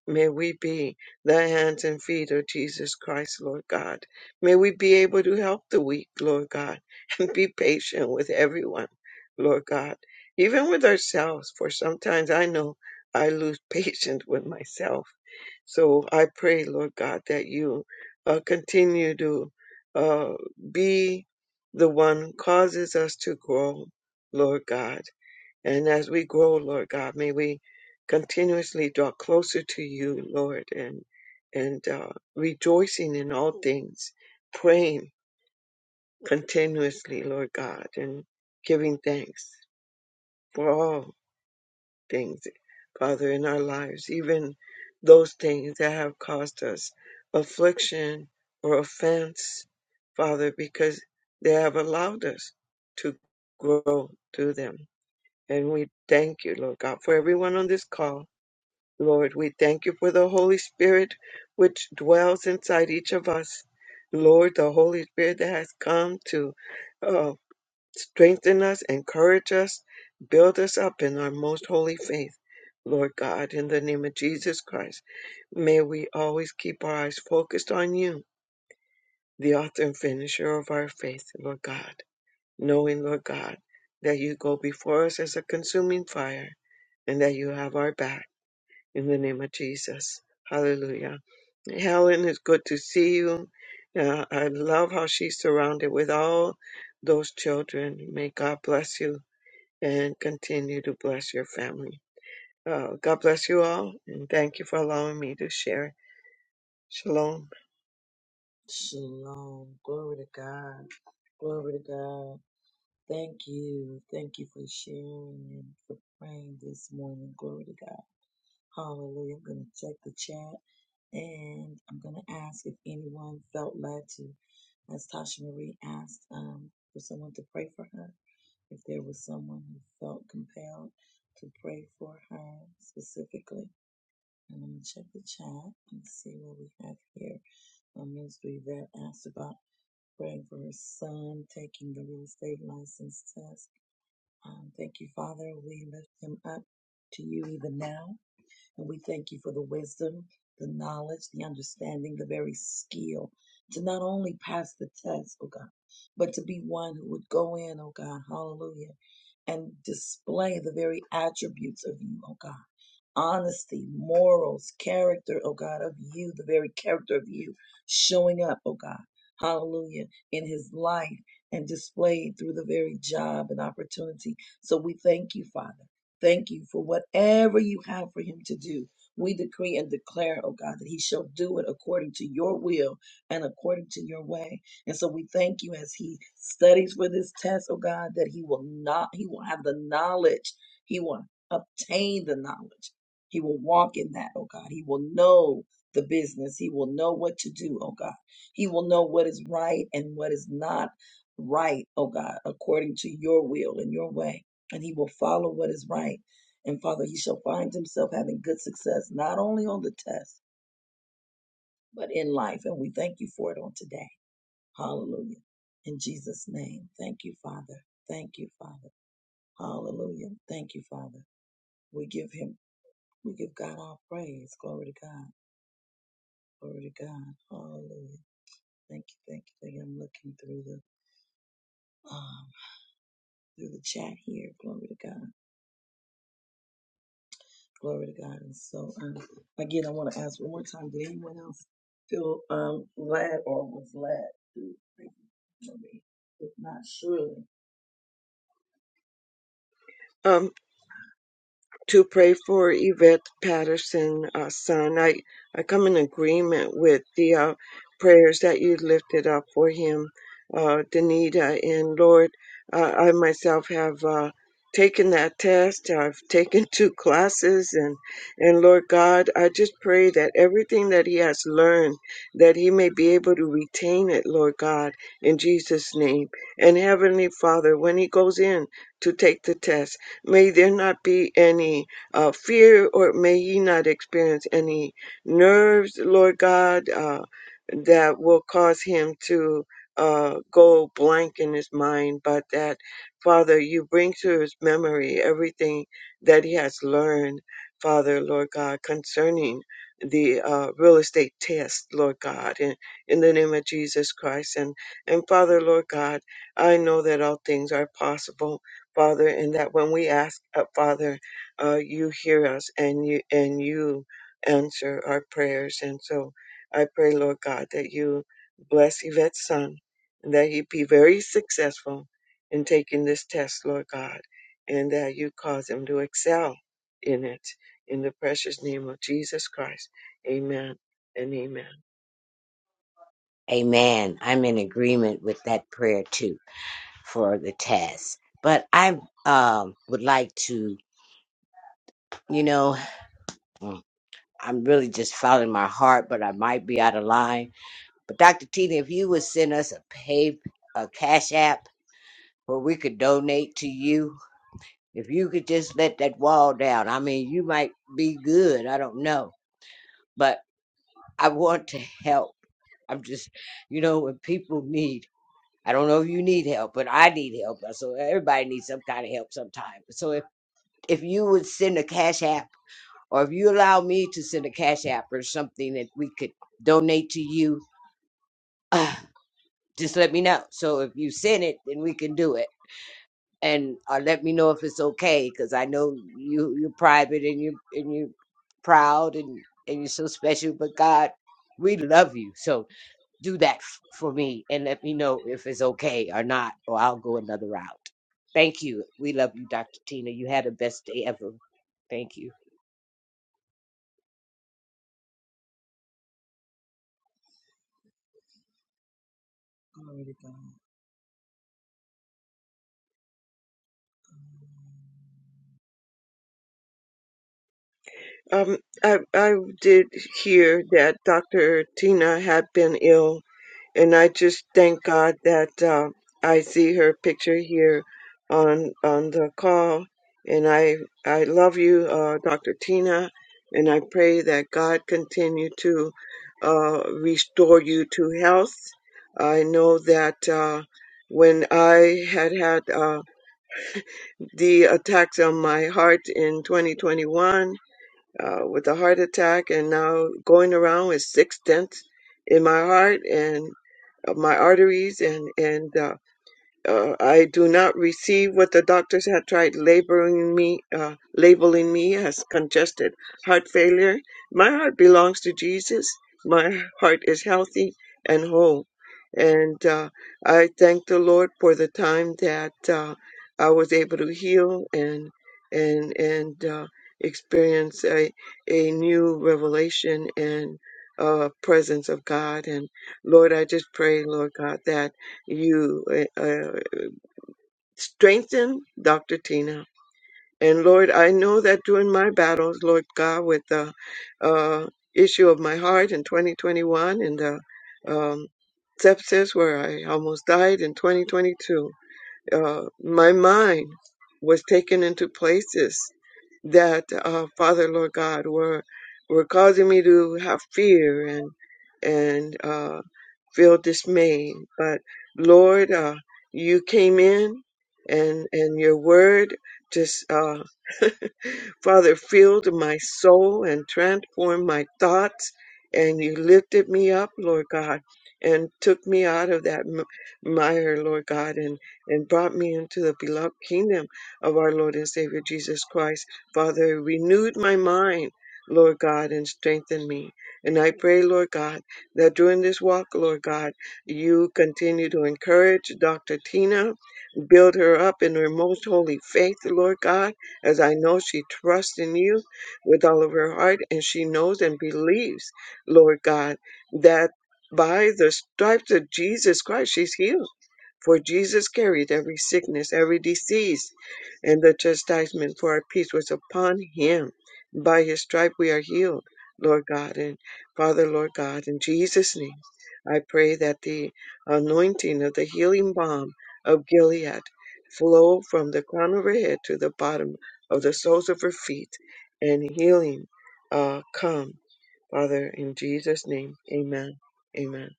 Speaker 11: May we be the hands and feet of Jesus Christ, Lord God. May we be able to help the weak, Lord God, and be patient with everyone, Lord God, even with ourselves, for sometimes I know I lose patience with myself. So I pray, Lord God, that you uh, continue to uh, be the one who causes us to grow, Lord God and as we grow, Lord God, may we continuously draw closer to you, Lord, and and uh, rejoicing in all things, praying continuously, Lord God, and giving thanks for all things, Father, in our lives, even those things that have caused us affliction or offense, Father, because they have allowed us to grow through them. And we thank you, Lord God, for everyone on this call. Lord, we thank you for the Holy Spirit which dwells inside each of us. Lord, the Holy Spirit that has come to uh, strengthen us, encourage us, build us up in our most holy faith. Lord God, in the name of Jesus Christ, may we always keep our eyes focused on you, the author and finisher of our faith, Lord God, knowing, Lord God, that you go before us as a consuming fire and that you have our back in the name of Jesus. Hallelujah. Helen, it's good to see you. Uh, I love how she's surrounded with all those children. May God bless you and continue to bless your family. Uh, God bless you all, and thank you for allowing me to share. Shalom. Um. to pray for Yvette Patterson, uh, son. I, I come in agreement with the uh, prayers that you lifted up for him, uh, Danita. And Lord, uh, I myself have uh, taken that test. I've taken two classes. And, and Lord God, I just pray that everything that he has learned, that he may be able to retain it, Lord God, in Jesus' name. And Heavenly Father, when he goes in to take the test, May there not be any uh, fear, or may ye not experience any nerves, Lord God, uh, that will cause him to uh, go blank in his mind, but that, Father, you bring to his memory everything that he has learned, Father, Lord God, concerning the uh, real estate test, Lord God, in, in the name of Jesus Christ. And, and Father, Lord God, I know that all things are possible Father, and that when we ask, uh, Father, uh, you hear us and you and you answer our prayers. And so I pray, Lord God, that you bless Yvette's son and that he be very successful in taking this test, Lord God, and that you cause him to excel in it. In the precious name of Jesus Christ, Amen and Amen.
Speaker 7: Amen. I'm in agreement with that prayer too for the test. But I um, would like to, you know, mm, I'm really just following my heart, but I might be out of line. But Dr. Tina, if you would send us a pay, a cash app where we could donate to you, if you could just let that wall down, I mean, you might be good. I don't know. But I want to help. I'm just, you know, when people need. I don't know if you need help, but I need help. uh, So everybody needs some kind of help sometime. So if, if you would send a cash app or if you allow me to send a cash app or something that we could donate to you, uh, just let me know. So if you send it, then we can do it. And uh, let me know if it's okay, because I know you you're private and you and you're proud and and you're so special. But God, we love you. So do that f- for me and let me know if it's okay or not, or I'll go another route. Thank you. We love you, Dr. Tina. You had the best day ever. Thank you.
Speaker 11: Um, I I did hear that Dr. Tina had been ill and I just thank God that uh, I see her picture here on on the call. And I I love you, uh, Dr. Tina, and I pray that God continue to uh, restore you to health. I know that uh, when I had had uh, the attacks on my heart in 2021 uh, with a heart attack and now going around with six stents in my heart and uh, my arteries and and uh, uh, I do not receive what the doctors have tried labeling me, uh, labeling me as congested heart failure. My heart belongs to Jesus. My heart is healthy and whole. And uh, I thank the Lord for the time that uh, I was able to heal and and and uh, experience a a new revelation and uh, presence of God. And Lord, I just pray, Lord God, that you. uh, strengthen Dr. Tina. And Lord, I know that during my battles, Lord God, with the uh, issue of my heart in 2021 and the um, sepsis where I almost died in 2022, uh, my mind was taken into places that, uh, Father, Lord God, were were causing me to have fear and and uh, feel dismay. But Lord, uh, you came in, and and your word just uh, Father, filled my soul and transformed my thoughts. And you lifted me up, Lord God, and took me out of that m- mire, Lord God, and, and brought me into the beloved kingdom of our Lord and Savior Jesus Christ. Father, renewed my mind, Lord God, and strengthened me. And I pray, Lord God, that during this walk, Lord God, you continue to encourage Dr. Tina, build her up in her most holy faith, Lord God as I know she trusts in you with all of her heart, and she knows and believes, Lord God, that by the stripes of Jesus Christ, she's healed for Jesus carried every sickness, every disease, and the chastisement for our peace was upon him. By his stripe we are healed, Lord God and Father, Lord God, in Jesus' name. I pray that the anointing of the healing balm of Gilead flow from the crown of her head to the bottom of the soles of her feet, and healing uh, come, Father, in Jesus' name. Amen. Amen.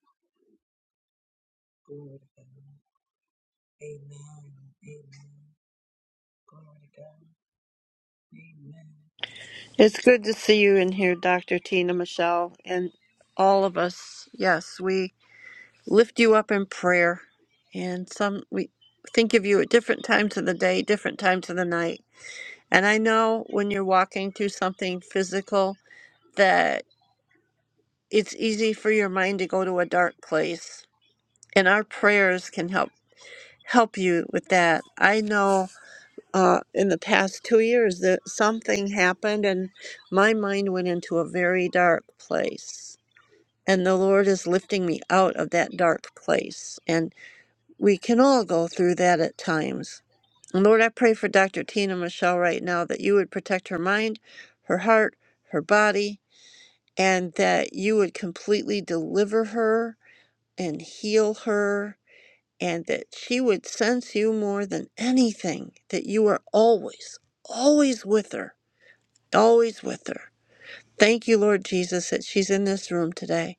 Speaker 4: It's good to see you in here, Dr. Tina Michelle, and all of us. Yes, we lift you up in prayer, and some we think of you at different times of the day, different times of the night. And I know when you're walking through something physical that it's easy for your mind to go to a dark place, and our prayers can help help you with that. I know uh, in the past two years that something happened, and my mind went into a very dark place and the Lord is lifting me out of that dark place. And we can all go through that at times. And Lord, I pray for Dr. Tina Michelle right now that you would protect her mind, her heart, her body, and that you would completely deliver her and heal her, and that she would sense you more than anything, that you are always, always with her, always with her. Thank you, Lord Jesus, that she's in this room today.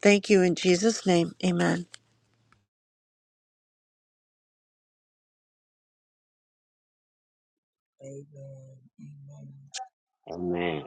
Speaker 4: Thank you in Jesus' name. Amen.
Speaker 7: Amen.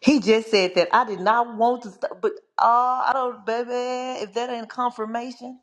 Speaker 10: He just said that I did not want to, st- but uh, I don't, baby. If that ain't confirmation,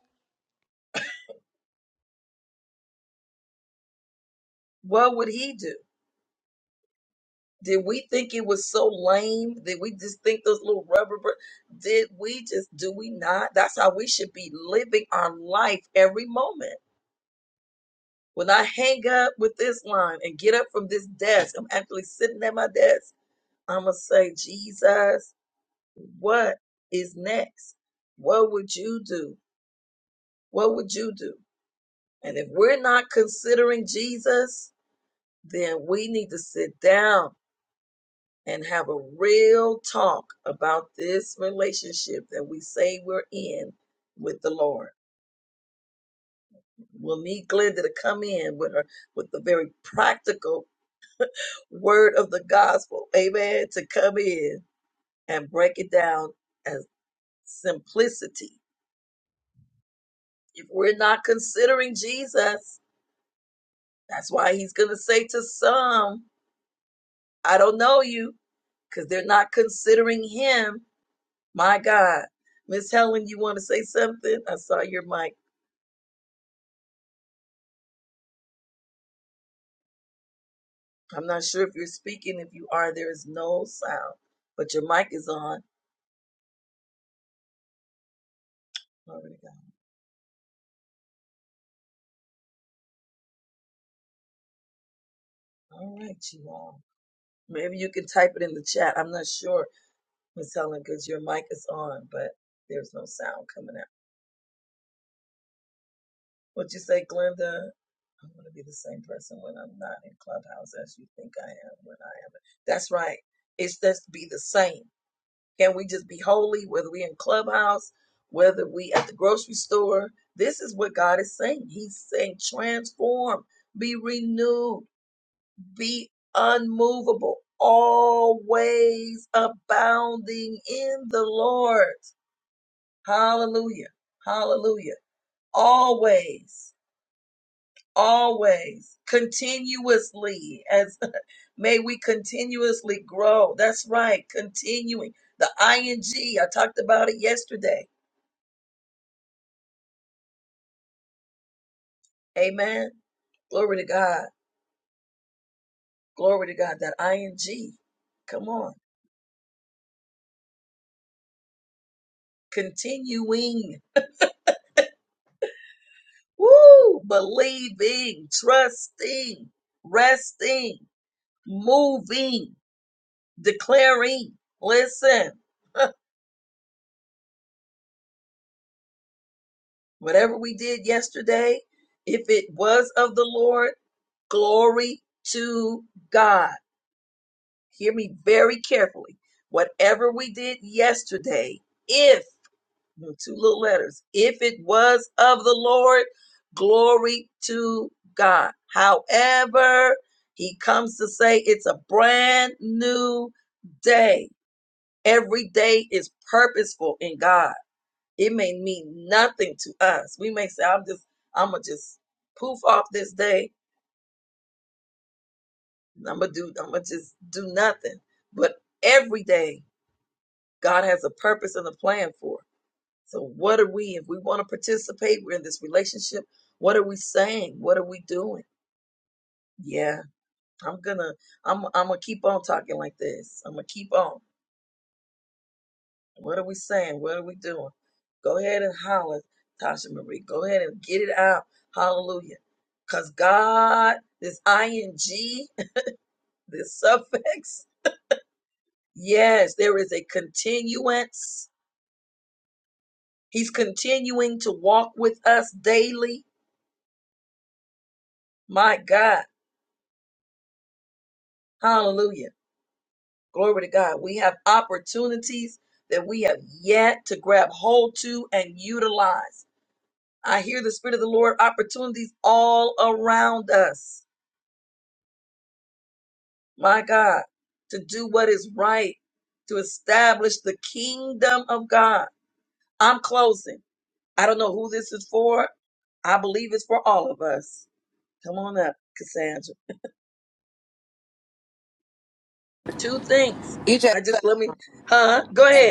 Speaker 5: You just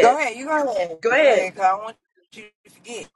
Speaker 5: go ahead. You go ahead. Go ahead. 'cause I don't want you to forget.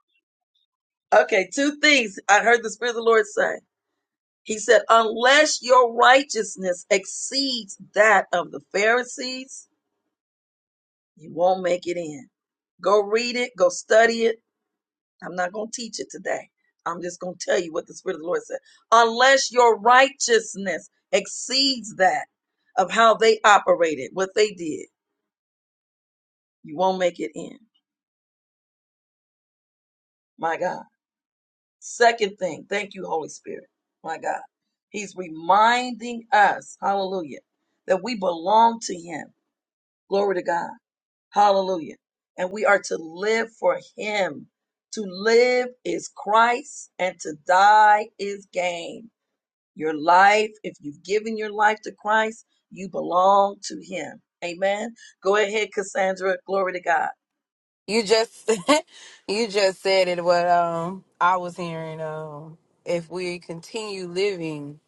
Speaker 5: You just you just said it. What um I was hearing. Um, if we continue living,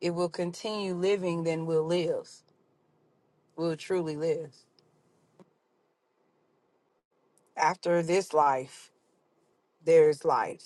Speaker 5: if we'll continue living, then we'll live. We'll truly live. After this life, there is life.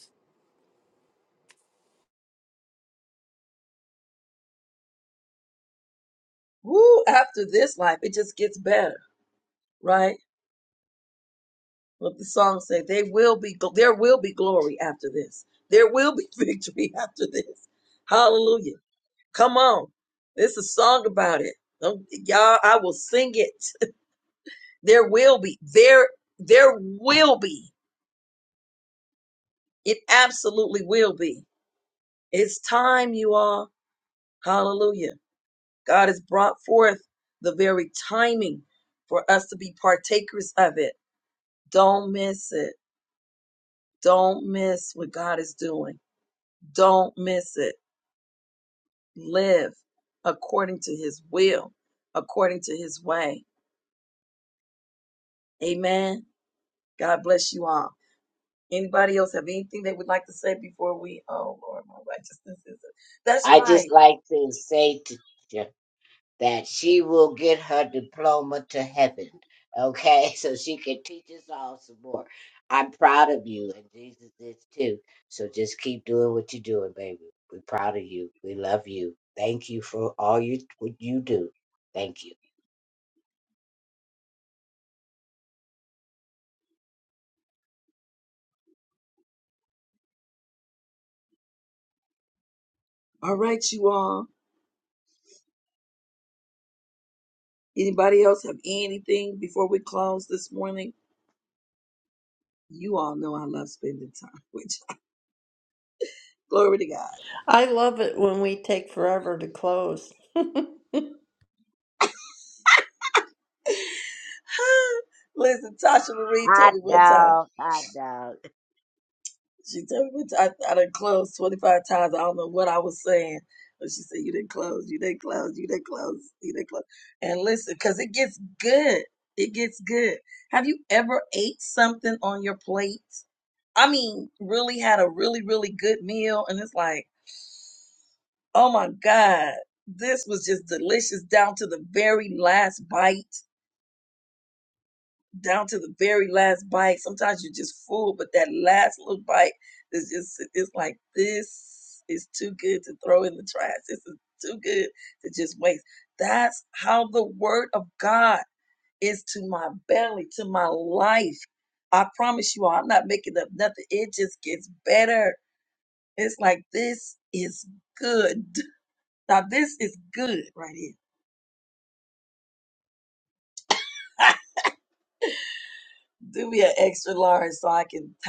Speaker 7: I just like to say to to- that she will get her diploma to heaven. Okay, so she can teach us all some more. I'm proud of you, and Jesus is too. So just keep doing what you're doing, baby. We're proud of you. We love you. Thank you for all you what you do. Thank you.
Speaker 4: I love it when we take forever to close.
Speaker 7: Hot dog, hot dog.